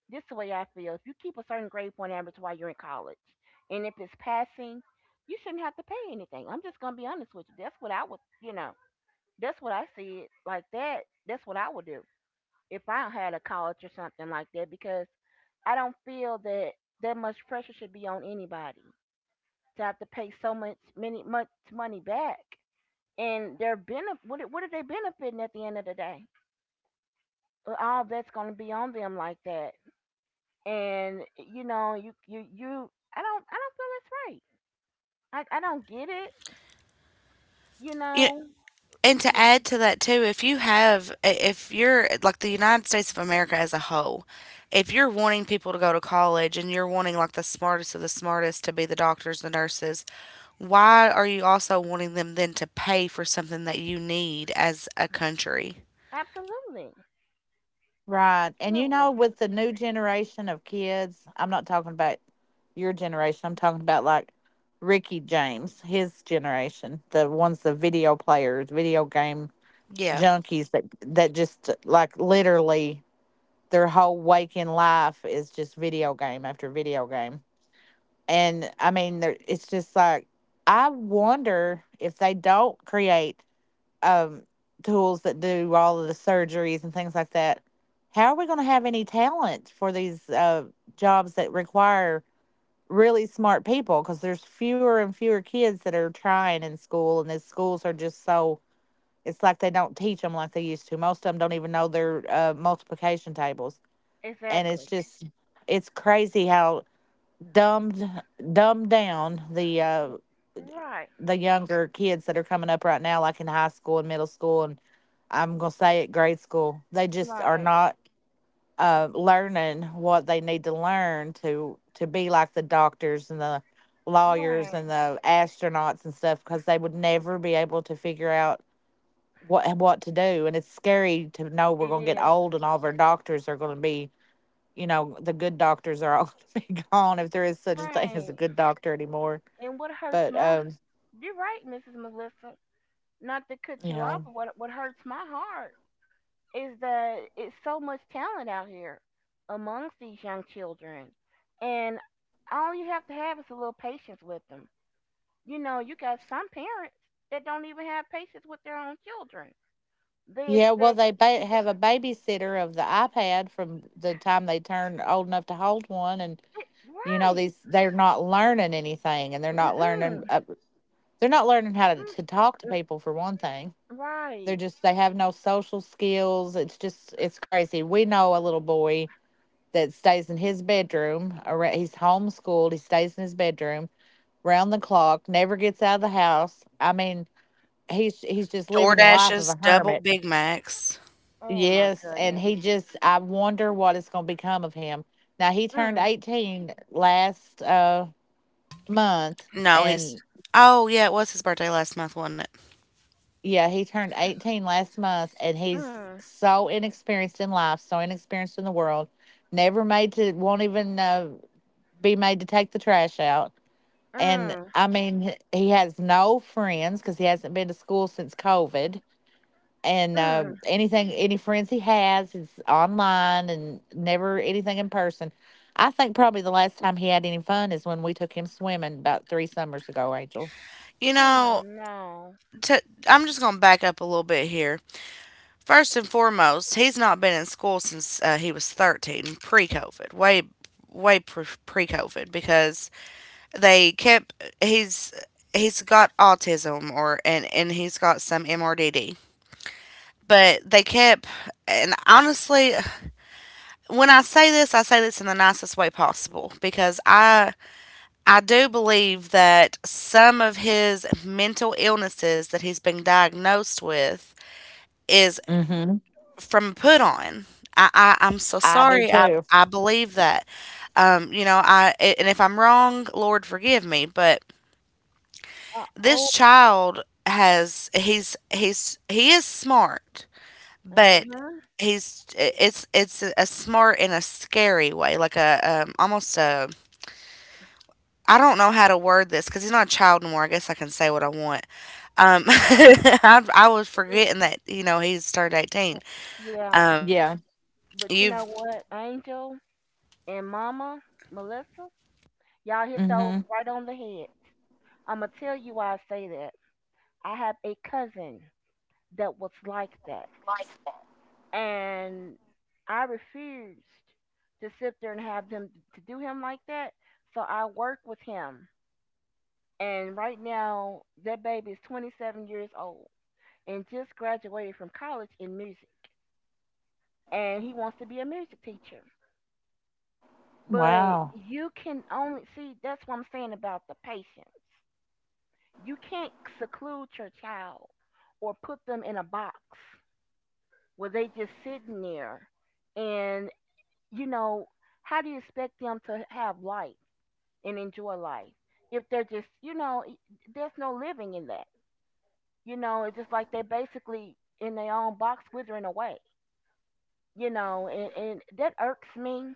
Speaker 3: this is the way I feel. If you keep a certain grade point average while you're in college, and if it's passing, you shouldn't have to pay anything. I'm just gonna be honest with you. That's what I would. That's what I see it like that. That's what I would do if I had a college or something like that because I don't feel that that much pressure should be on anybody to have to pay so much many much money back. And they're benef- what, are- What are they benefiting at the end of the day? Well, all that's going to be on them like that. And you know, you I don't feel that's right. I don't get it, you
Speaker 1: you-
Speaker 3: know. Uh,
Speaker 1: and to
Speaker 3: uh,
Speaker 1: add to that too, if you have, if you're like the United States of America as a whole, if you're wanting people to go to college and you're wanting like the smartest of the smartest to be the doctors, the nurses, why are you also wanting them then to pay for something that you need as a country?
Speaker 3: Absolutely.
Speaker 2: Right. And
Speaker 3: Absolutely.
Speaker 2: with the new generation of kids, I'm not talking about your generation. I'm talking about like Ricky James, his generation, the ones the video players, video game
Speaker 1: Yeah,
Speaker 2: junkies that just like literally their whole waking life is just video game after video game. And I mean, it's just like I wonder if they don't create um, tools that do all of the surgeries and things like that, how are we going to have any talent for these jobs that require really smart people? Because there's fewer and fewer kids that are trying in school, and the schools are just so it's like they don't teach them like they used to. Most of them don't even know their multiplication tables, and it's
Speaker 3: Exactly.
Speaker 2: just it's crazy how dumbed dumbed down
Speaker 3: Right.
Speaker 2: the younger kids that are coming up right now, like in high school and middle school, and I'm gonna say it, grade school. They just are
Speaker 3: Right.
Speaker 2: not learning what they need to learn to be like the doctors and the lawyers
Speaker 3: Right.
Speaker 2: and the astronauts and stuff because they would never be able to figure out what to do. And it's scary to know we're
Speaker 3: It
Speaker 2: gonna get
Speaker 3: is.
Speaker 2: old and all of our doctors are gonna be, the good doctors are all gonna be gone if there is such a thing as a
Speaker 3: Right.
Speaker 2: good doctor anymore.
Speaker 3: And what hurts
Speaker 2: But
Speaker 3: my you're right, Mrs. Melissa. Not to cut
Speaker 2: you
Speaker 3: you
Speaker 2: know.
Speaker 3: off, but what hurts my heart is that it's so much talent out here amongst these young children. And all you have to have is a little patience with them. You know, you got some parents that don't even have patience with their own children. They
Speaker 2: Yeah, well,
Speaker 3: expect.
Speaker 2: have a babysitter of the iPad from the time they turn old enough to hold one, and you know
Speaker 3: Right.
Speaker 2: these they're not learning anything, and
Speaker 3: Mm-mm.
Speaker 2: they're not learning how
Speaker 3: Mm-mm.
Speaker 2: to talk to people for one thing.
Speaker 3: Right.
Speaker 2: They have no social skills. It's just it's crazy. We know a little boy that stays in his bedroom. He's homeschooled. He stays in his bedroom round the clock, never gets out of the house. I mean, he's just living the life of
Speaker 1: DoorDashes,
Speaker 2: a
Speaker 1: double
Speaker 2: hermit.
Speaker 1: Big Macs.
Speaker 3: Oh my
Speaker 2: Yes, and
Speaker 3: goodness.
Speaker 2: he just I wonder what it's going to become of him. Now he turned
Speaker 3: Mm,
Speaker 2: 18 last month
Speaker 1: No,
Speaker 2: and
Speaker 1: he's. Oh yeah, it was his birthday last month, wasn't it?
Speaker 2: yeah, he turned 18 last month and he's
Speaker 3: mm,
Speaker 2: so inexperienced in life, so inexperienced in the world, never made to won't even be made to take the trash out. And
Speaker 3: mm,
Speaker 2: I mean, he has no friends cuz he hasn't been to school since COVID and
Speaker 3: mm.
Speaker 2: anything any friends he has is online and never anything in person. I think probably the last time he had any fun is when we took him swimming about three summers ago, Angel.
Speaker 1: You
Speaker 3: Oh
Speaker 1: know,
Speaker 3: no.
Speaker 1: i I'm just going to back up a little bit here. First and foremost, he's not been in school since he was 13, pre-COVID, way way pre-COVID, because they kept he's he's got autism or and he's got some MRDD. But they kept, and honestly, when I say this in the nicest way possible because I do believe that some of his mental illnesses that he's been diagnosed with is
Speaker 2: Mm-hmm.
Speaker 1: from put on. I'm so
Speaker 2: I do
Speaker 1: sorry.
Speaker 2: too.
Speaker 1: I believe that. You know, I and if I'm wrong, Lord forgive me. But
Speaker 3: Oh.
Speaker 1: this child has he is smart, but
Speaker 3: Uh-huh.
Speaker 1: he's it's a smart in a scary way, like a almost a I don't know how to word this because he's not a child anymore. I guess I can say what I want. I was forgetting that you know he's turned 18.
Speaker 3: Yeah.
Speaker 1: Um,
Speaker 2: Yeah.
Speaker 3: But you
Speaker 1: you've
Speaker 3: know what, Angel and Mama, Melissa, y'all hit those
Speaker 2: Mm-hmm.
Speaker 3: right on the head. I'ma tell you why I say that. I have a cousin that was like that. And I refused to sit there and have them to do him like that. So I work with him. And right now that baby is 27 years old and just graduated from college in music. And he wants to be a music teacher. But
Speaker 2: Wow.
Speaker 3: you can only see that's what I'm saying about the patience. You can't seclude your child or put them in a box where they just sitting there and, you know, how do you expect them to have life and enjoy life if they're just, there's no living in that. It's just like they're basically in their own box withering away, and that irks me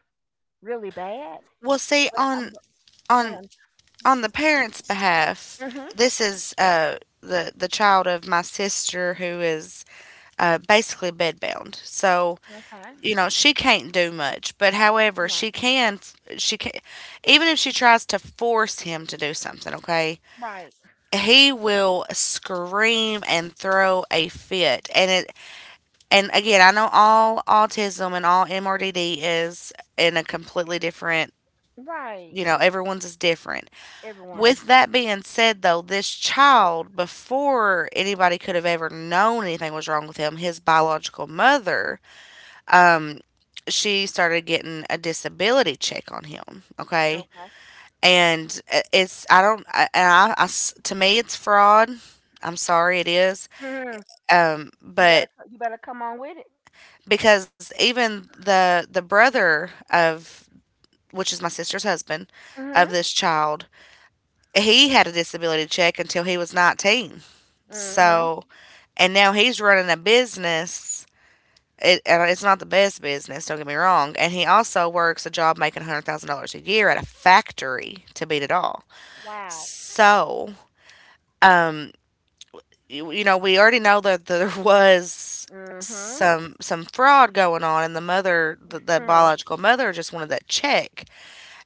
Speaker 3: really bad.
Speaker 1: well see
Speaker 3: But I'm go
Speaker 1: on
Speaker 3: ahead.
Speaker 1: on the parents' behalf,
Speaker 3: Mhm.
Speaker 1: this is the child of my sister who is basically bedbound. So
Speaker 3: Okay.
Speaker 1: you know she can't do much. But however, she can. She can, even if she tries to force him to do something. Okay,
Speaker 3: Right,
Speaker 1: he will scream and throw a fit. And again, I know all autism and all MRDD is in a completely different.
Speaker 3: right.
Speaker 1: You know, everyone's is different.
Speaker 3: Everyone.
Speaker 1: With that being said, though, this child, before anybody could have ever known anything was wrong with him, his biological mother, um, she started getting a disability check on him. Okay,
Speaker 3: Okay.
Speaker 1: and it's I don't I, and I, to me it's fraud. I'm sorry, it is.
Speaker 3: Mhm. You better
Speaker 1: But
Speaker 3: co- you better come on with it.
Speaker 1: because even the brother of, which is my sister's husband
Speaker 3: Mhm.
Speaker 1: of this child, he had a disability check until he was 19.
Speaker 3: Mhm.
Speaker 1: So, and now he's running a business. It, and it's not the best business, don't get me wrong. And he also works a job making $100,000 a year at a factory to beat it all.
Speaker 3: Wow.
Speaker 1: So, you know, we already know that there was
Speaker 3: Mhm.
Speaker 1: some fraud going on, and the
Speaker 3: Hmm.
Speaker 1: biological mother just wanted that check.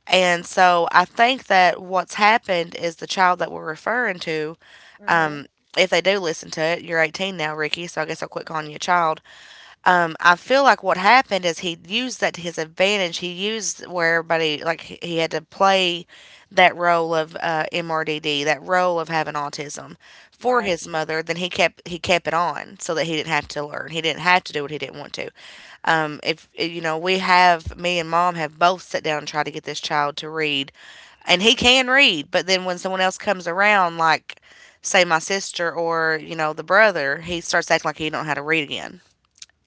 Speaker 1: And so I think that what's happened is the child that we're referring to.
Speaker 3: Mhm.
Speaker 1: Um, if they do listen to it, you're 18 now, Ricky, so I guess I'll quit calling you a child. I feel like what happened is he used that to his advantage. He used where everybody, like he had to play that role of MRDD, that role of having autism for
Speaker 3: Right.
Speaker 1: his mother. Then he kept it on so that he didn't have to learn. He didn't have to do what he didn't want to. If eh, you know, We, have me and mom, have both sat down and tried to get this child to read, and he can read. But then when someone else comes around, like say my sister or you know the brother, he starts acting like he don't know how to read again.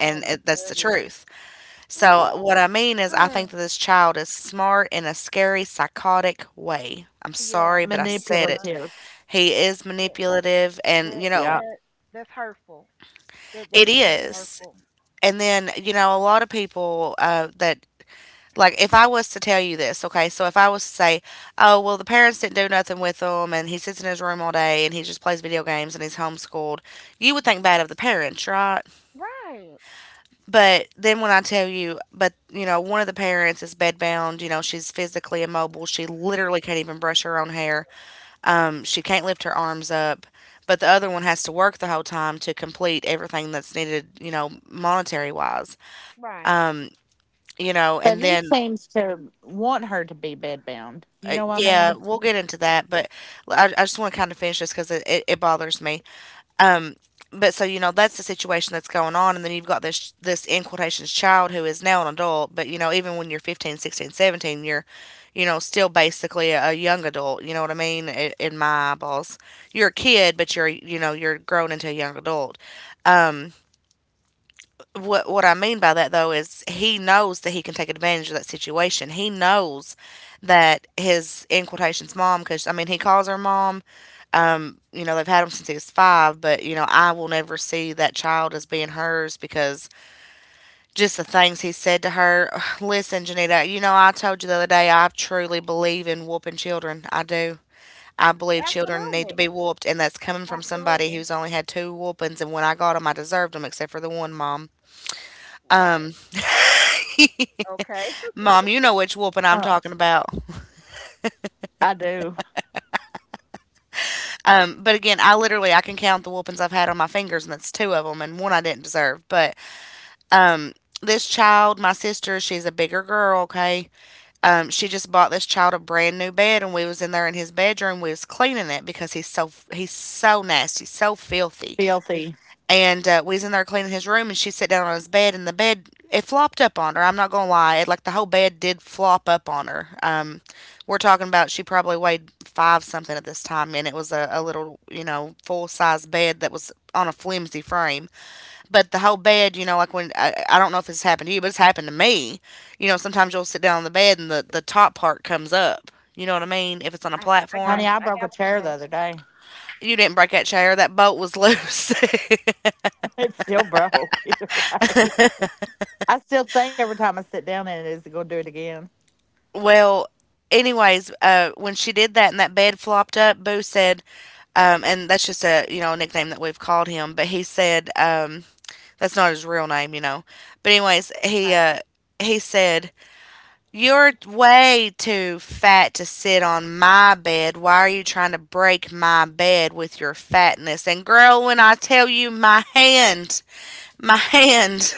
Speaker 3: Oh my
Speaker 1: that's the
Speaker 3: goodness.
Speaker 1: truth. So,
Speaker 3: Woo.
Speaker 1: what I mean is, I think
Speaker 3: Mm.
Speaker 1: that this child is smart in a scary, psychotic way. I'm
Speaker 3: Yeah.
Speaker 1: sorry, but I said it.
Speaker 3: Bruh.
Speaker 2: Manipulative.
Speaker 1: He is
Speaker 3: That,
Speaker 1: manipulative, and
Speaker 3: that
Speaker 1: you know,
Speaker 2: Yeah.
Speaker 3: that that's hurtful. That
Speaker 1: it
Speaker 3: that's really
Speaker 1: is.
Speaker 3: hurtful.
Speaker 1: And then, you know, a lot of people that like, if I was to tell you this, okay, so if I was to say, oh, well, the parents didn't do nothing with him, and he sits in his room all day, and he just plays video games, and he's homeschooled, you would think bad of the parents, right?
Speaker 3: Right.
Speaker 1: But then when I tell you, but you know, one of the parents is bedbound. You know, she's physically immobile. She literally can't even brush her own hair. She can't lift her arms up. But the other one has to work the whole time to complete everything that's needed. You know, monetary wise.
Speaker 3: Right.
Speaker 1: You know,
Speaker 2: But
Speaker 1: and
Speaker 2: he
Speaker 1: then.
Speaker 2: seems to want her to be bedbound. You know what I
Speaker 1: Yeah,
Speaker 2: mean?
Speaker 1: we'll get into
Speaker 3: Mm.
Speaker 1: that, but I just want to kind of finish this because it bothers me. Um, but so you know that's the situation that's going on, and then you've got this in quotations child who is now an adult. But you know, even when you're 15, 16, 17, you're you know still basically a young adult, you know what I mean, in my eyeballs. You're a kid, but you're, you know, you're grown into a young adult. What I mean by that, though, is he knows that he can take advantage of that situation. He knows that his in quotations mom, because I mean he calls her mom, you know, they've had him since he was five. But you know, I will never see that child as being hers, because just the things he said to her. Listen, Janita, you know I told you the other day, I truly believe in whooping children, I do. I believe children need to
Speaker 3: Absolutely.
Speaker 1: be whooped, and that's coming from somebody
Speaker 3: Absolutely.
Speaker 1: who's only had two whoopings, and when I got them, I deserved them, except for the one. mom
Speaker 3: Right. Okay.
Speaker 1: mom you know which whooping I'm
Speaker 2: Huh.
Speaker 1: talking about.
Speaker 2: I do.
Speaker 1: But again, I literally, I can count the whoopings I've had on my fingers, and that's two of them, and one I didn't deserve. But this child, my sister, she's a bigger girl, okay. She just bought this child a brand new bed, and we was in there in his bedroom. We was cleaning it because he's so nasty, so filthy.
Speaker 2: Filthy.
Speaker 1: And we was in there cleaning his room, and she sat down on his bed, and the bed it flopped up on her. I'm not gonna lie, it, like, the whole bed did flop up on her. We're talking about, she probably weighed five something at this time, and it was a little, you know, full size bed that was on a flimsy frame. But the whole bed, you know, like when I don't know if it's happened to you, but it's happened to me. You know, sometimes you'll sit down on the bed, and the top part comes up. You know what I mean? If it's on a
Speaker 3: I, I got
Speaker 2: Honey,
Speaker 1: platform.
Speaker 2: I
Speaker 3: I
Speaker 2: broke a
Speaker 3: got what you're
Speaker 2: chair the
Speaker 3: saying.
Speaker 2: other day.
Speaker 1: You didn't break that chair, that bolt was loose.
Speaker 2: It still broke either way. I still think every time I sit down in it is it going to do it again.
Speaker 1: well, anyways, when she did that and that bed flopped up, Boo said, and that's just a, you know, a nickname that we've called him, but he said that's not his real name, you know. But anyways,
Speaker 3: Right.
Speaker 1: he said, "You're way too fat to sit on my bed. Why are you trying to break my bed with your fatness?" And girl, when I tell you my hand, my hand,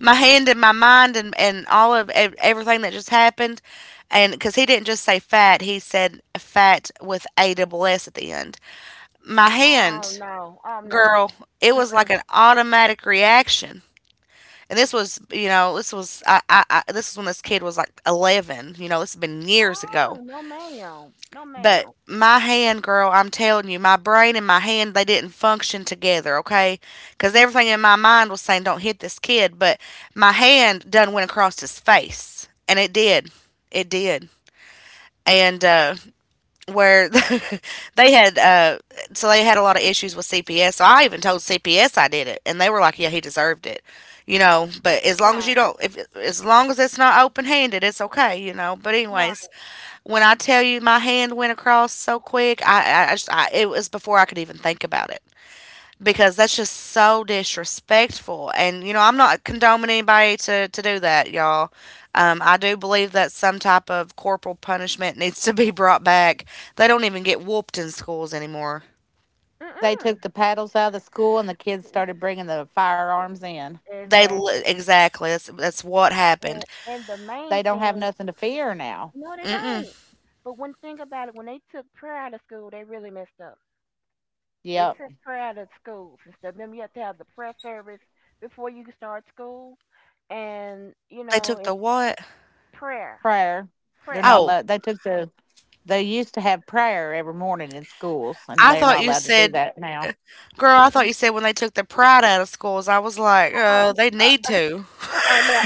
Speaker 1: my hand and my mind and all of everything that just happened, and because he didn't just say fat, he said fat with a double S at the end. My
Speaker 3: Oh
Speaker 1: hand,
Speaker 3: no. Oh no.
Speaker 1: girl, it was like
Speaker 3: Mm.
Speaker 1: an automatic reaction. And this was, you know, this was I this was when this kid was like 11. You know, this has been years ago.
Speaker 3: Oh, no ma'am. No
Speaker 1: But
Speaker 3: ma'am.
Speaker 1: my hand, girl, I'm telling you, my brain and my hand, they didn't function together, okay? Because everything in my mind was saying, "Don't hit this kid," but my hand done went across his face, and it did, it did. And where they had they had a lot of issues with CPS. So I even told CPS I did it, and they were like, "Yeah, he deserved it." You know, but as long as
Speaker 3: Right.
Speaker 1: you don't, if as long as it's not open-handed, it's okay, you know. But anyways,
Speaker 3: Right.
Speaker 1: when I tell you my hand went across so quick, I, just, I it was before I could even think about it, because that's just so disrespectful. And you know, I'm not condoning anybody to do that, y'all. I do believe that some type of corporal punishment needs to be brought back. They don't even get whooped in schools anymore.
Speaker 2: They
Speaker 3: Mm-mm.
Speaker 2: took the paddles out of the school and the kids started bringing the firearms in.
Speaker 3: Exactly.
Speaker 1: Exactly, that's what
Speaker 3: And
Speaker 1: happened.
Speaker 3: and the main
Speaker 2: They don't have
Speaker 3: thing,
Speaker 2: nothing to fear now.
Speaker 3: no, they don't.
Speaker 1: Mm-mm.
Speaker 3: But one thing about it, when they took prayer out of school, they really messed up. We
Speaker 2: Yep.
Speaker 3: took prayer out of schools and stuff. Remember, you have to have the prayer service before you can start school, and
Speaker 1: They took the
Speaker 3: it's
Speaker 1: what?
Speaker 3: prayer,
Speaker 2: Prayer. They're
Speaker 3: prayer.
Speaker 2: not
Speaker 1: Oh,
Speaker 2: allowed. They used to have prayer every morning in schools and
Speaker 1: I
Speaker 3: Yeah.
Speaker 2: they're
Speaker 1: thought
Speaker 2: not
Speaker 1: you
Speaker 2: allowed to do
Speaker 1: said,
Speaker 2: that now.
Speaker 1: girl. I
Speaker 3: Uh,
Speaker 1: thought you said when they took the pride out of schools. I was like,
Speaker 3: uh,
Speaker 1: they need to.
Speaker 3: no,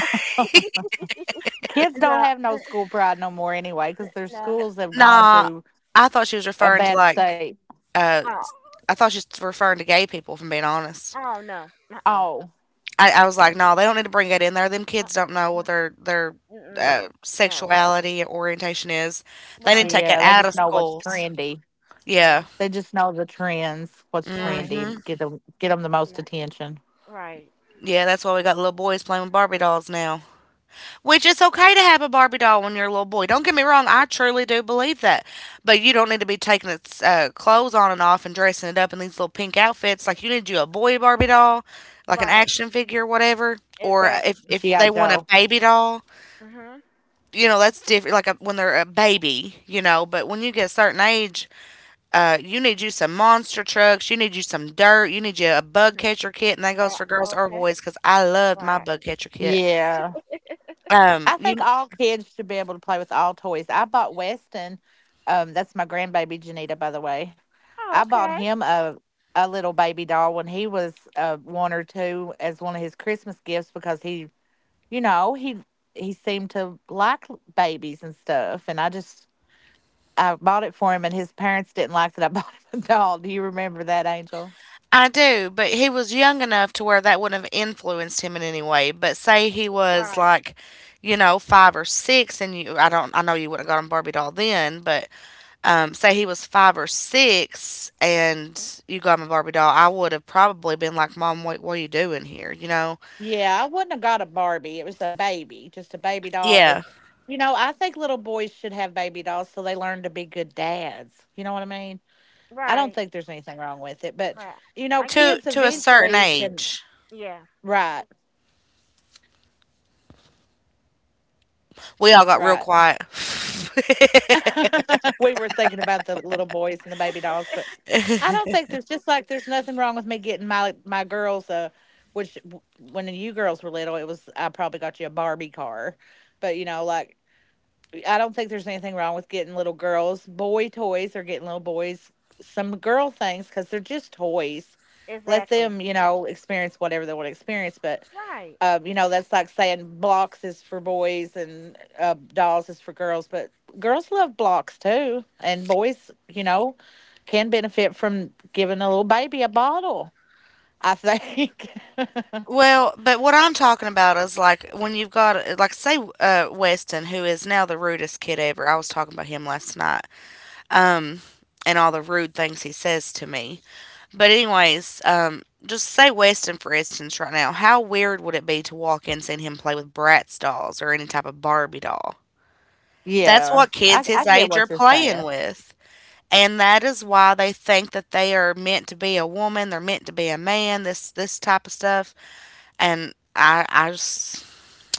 Speaker 2: Kids don't
Speaker 3: no,
Speaker 2: have no school pride no more anyway because their
Speaker 3: no.
Speaker 2: schools have gone
Speaker 1: Nah,
Speaker 2: to
Speaker 1: I thought she was
Speaker 2: a
Speaker 1: referring to
Speaker 2: bad
Speaker 1: like,
Speaker 2: state.
Speaker 1: uh,
Speaker 3: Oh,
Speaker 1: I thought she was referring to gay people. From being honest.
Speaker 3: oh no. Uh-uh.
Speaker 2: Oh,
Speaker 1: I was like, no, they don't need to bring that in there. Them
Speaker 3: uh,
Speaker 1: kids don't know
Speaker 3: uh,
Speaker 1: what their
Speaker 3: Mm-mm. No.
Speaker 1: sexuality and orientation is. They need to
Speaker 3: Right.
Speaker 1: take that
Speaker 2: yeah. They
Speaker 1: out of
Speaker 2: just know what's
Speaker 1: schools.
Speaker 2: trendy.
Speaker 3: Yeah.
Speaker 1: Yeah.
Speaker 2: They just know the trends, what's
Speaker 3: Right.
Speaker 2: trendy,
Speaker 1: Mhm.
Speaker 2: get them the most
Speaker 3: No.
Speaker 2: attention.
Speaker 3: Right.
Speaker 1: Yeah, that's why we got little boys playing with Barbie dolls now. Which it's okay to have a Barbie doll when you're a little boy. Don't get me wrong, I truly do believe that. But you don't need to be taking its clothes on and off and dressing it up in these little pink outfits. Like you need you a boy Barbie doll, like an
Speaker 3: Right.
Speaker 1: action figure, whatever. Or if
Speaker 3: Exactly.
Speaker 1: if
Speaker 2: GI.
Speaker 1: they want a
Speaker 2: Joe.
Speaker 1: baby doll,
Speaker 3: Mhm.
Speaker 1: you know that's different. Like a, when they're a baby, you know, but when you get a certain age, you need you some monster trucks, you need you some dirt, you need you a bug
Speaker 3: Mhm.
Speaker 1: catcher kit, and that goes
Speaker 3: Uh,
Speaker 1: for girls or
Speaker 3: okay.
Speaker 1: boys because I loved my
Speaker 3: Right.
Speaker 1: bug catcher kit.
Speaker 2: Yeah. I
Speaker 1: You
Speaker 2: think all kids should be able to play with all toys. I bought Weston, that's my grandbaby Janita, by the way.
Speaker 3: Oh,
Speaker 2: I bought
Speaker 3: okay.
Speaker 2: him a little baby doll when he was one or two as one of his Christmas gifts because he, you know, he seemed to like babies and stuff. And I just I bought it for him, and his parents didn't like that I bought him a doll. Do you remember that, Angel?
Speaker 1: I do, but he was young enough to where that wouldn't have influenced him in any way. But say he
Speaker 3: Right.
Speaker 1: was like, you know, five or six, and you, I don't, I know you wouldn't have got him Barbie doll then, but say he was five or six and you got him a Barbie doll, I would have probably been like, Mom, what are you doing here? You know?
Speaker 2: Yeah, I wouldn't have got a Barbie. It was a baby, just a baby doll.
Speaker 1: Yeah.
Speaker 2: And, I think little boys should have baby dolls so they learn to be good dads. You know what I mean? I don't
Speaker 3: Right.
Speaker 2: think there's anything wrong with it, but,
Speaker 3: Right. I get what
Speaker 1: To
Speaker 2: kids
Speaker 1: to
Speaker 3: you're
Speaker 1: a
Speaker 3: saying.
Speaker 1: certain
Speaker 2: eventually can.
Speaker 1: age.
Speaker 3: Yeah.
Speaker 2: Right,
Speaker 1: We all got real
Speaker 2: right.
Speaker 1: quiet.
Speaker 2: We were thinking about the little boys and the baby dolls, but I don't think there's just like there's nothing wrong with me getting my girls a, which when you girls were little, it was I probably got you a Barbie car, but I don't think there's anything wrong with getting little girls boy toys or getting little boys some girl things because they're just toys. Let
Speaker 3: Exactly.
Speaker 2: them, experience whatever they want to experience. But,
Speaker 3: Right.
Speaker 2: that's like saying blocks is for boys and dolls is for girls. But girls love blocks too. And boys, can benefit from giving a little baby a bottle, I think.
Speaker 1: Well, but what I'm talking about is like when you've got, like, say, uh, Weston, who is now the rudest kid ever. I was talking about him last night. Um and all the rude things he says to me. But anyways, just say Weston for instance right now. How weird would it be to walk in seeing him play with Bratz dolls or any type of Barbie doll? That's
Speaker 2: Yeah,
Speaker 1: what kids his
Speaker 2: I get
Speaker 1: age are
Speaker 2: what you're
Speaker 1: playing
Speaker 2: saying.
Speaker 1: with. And that is why they think that they are meant to be a woman, they're meant to be a man, this type of stuff. And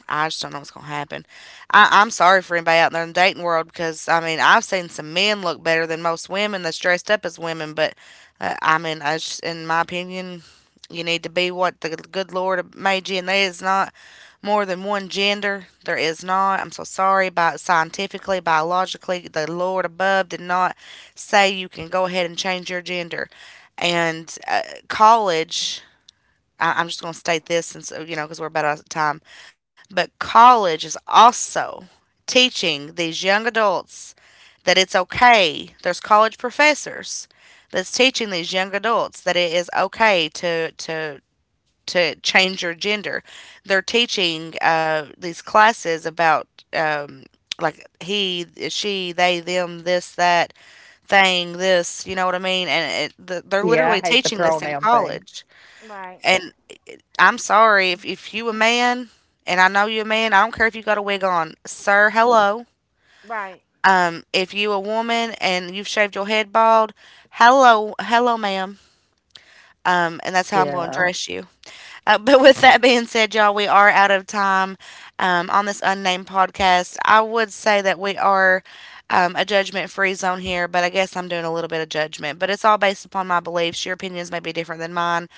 Speaker 1: I just don't know what's gonna happen. I'm sorry for anybody out there in the dating world, because I mean I've seen some men look better than most women that's dressed up as women. But I mean, I just, in my opinion, you need to be what the good Lord made you, and there is not more than one gender. There is not. I'm so sorry. About scientifically, biologically, the Lord above did not say you can go ahead and change your gender, and college. I'm just gonna state this, since you know, because we're about out of time, but college is also teaching these young adults that it's okay. There's college professors that's teaching these young adults that it is okay to to change your gender. They're teaching these classes about um, like he, she, they, them, this, that thing, this. You know what I mean? And they're
Speaker 2: Yeah,
Speaker 1: literally
Speaker 2: I hate the
Speaker 1: teaching this in
Speaker 2: pronoun thing.
Speaker 1: college.
Speaker 3: Right.
Speaker 1: And. I'm sorry. If you
Speaker 3: Uh,
Speaker 1: a man, and I know you a man, I don't care if you got a wig on, sir. Hello.
Speaker 3: Right.
Speaker 1: If you a woman and you've shaved your head bald, hello, hello, ma'am. And that's how I'm going to
Speaker 2: Yeah.
Speaker 1: dress you. But with that being said, y'all, we are out of time on this unnamed podcast. I would say that we are a judgment free zone here, but I guess I'm doing a little bit of judgment. But it's all based upon my beliefs. Your opinions may be different than mine.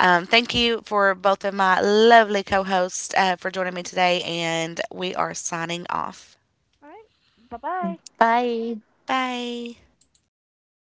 Speaker 1: Thank you for both of my lovely co hosts, for joining me today, and we are signing off.
Speaker 3: All right. Bye bye.
Speaker 2: Bye.
Speaker 1: Bye.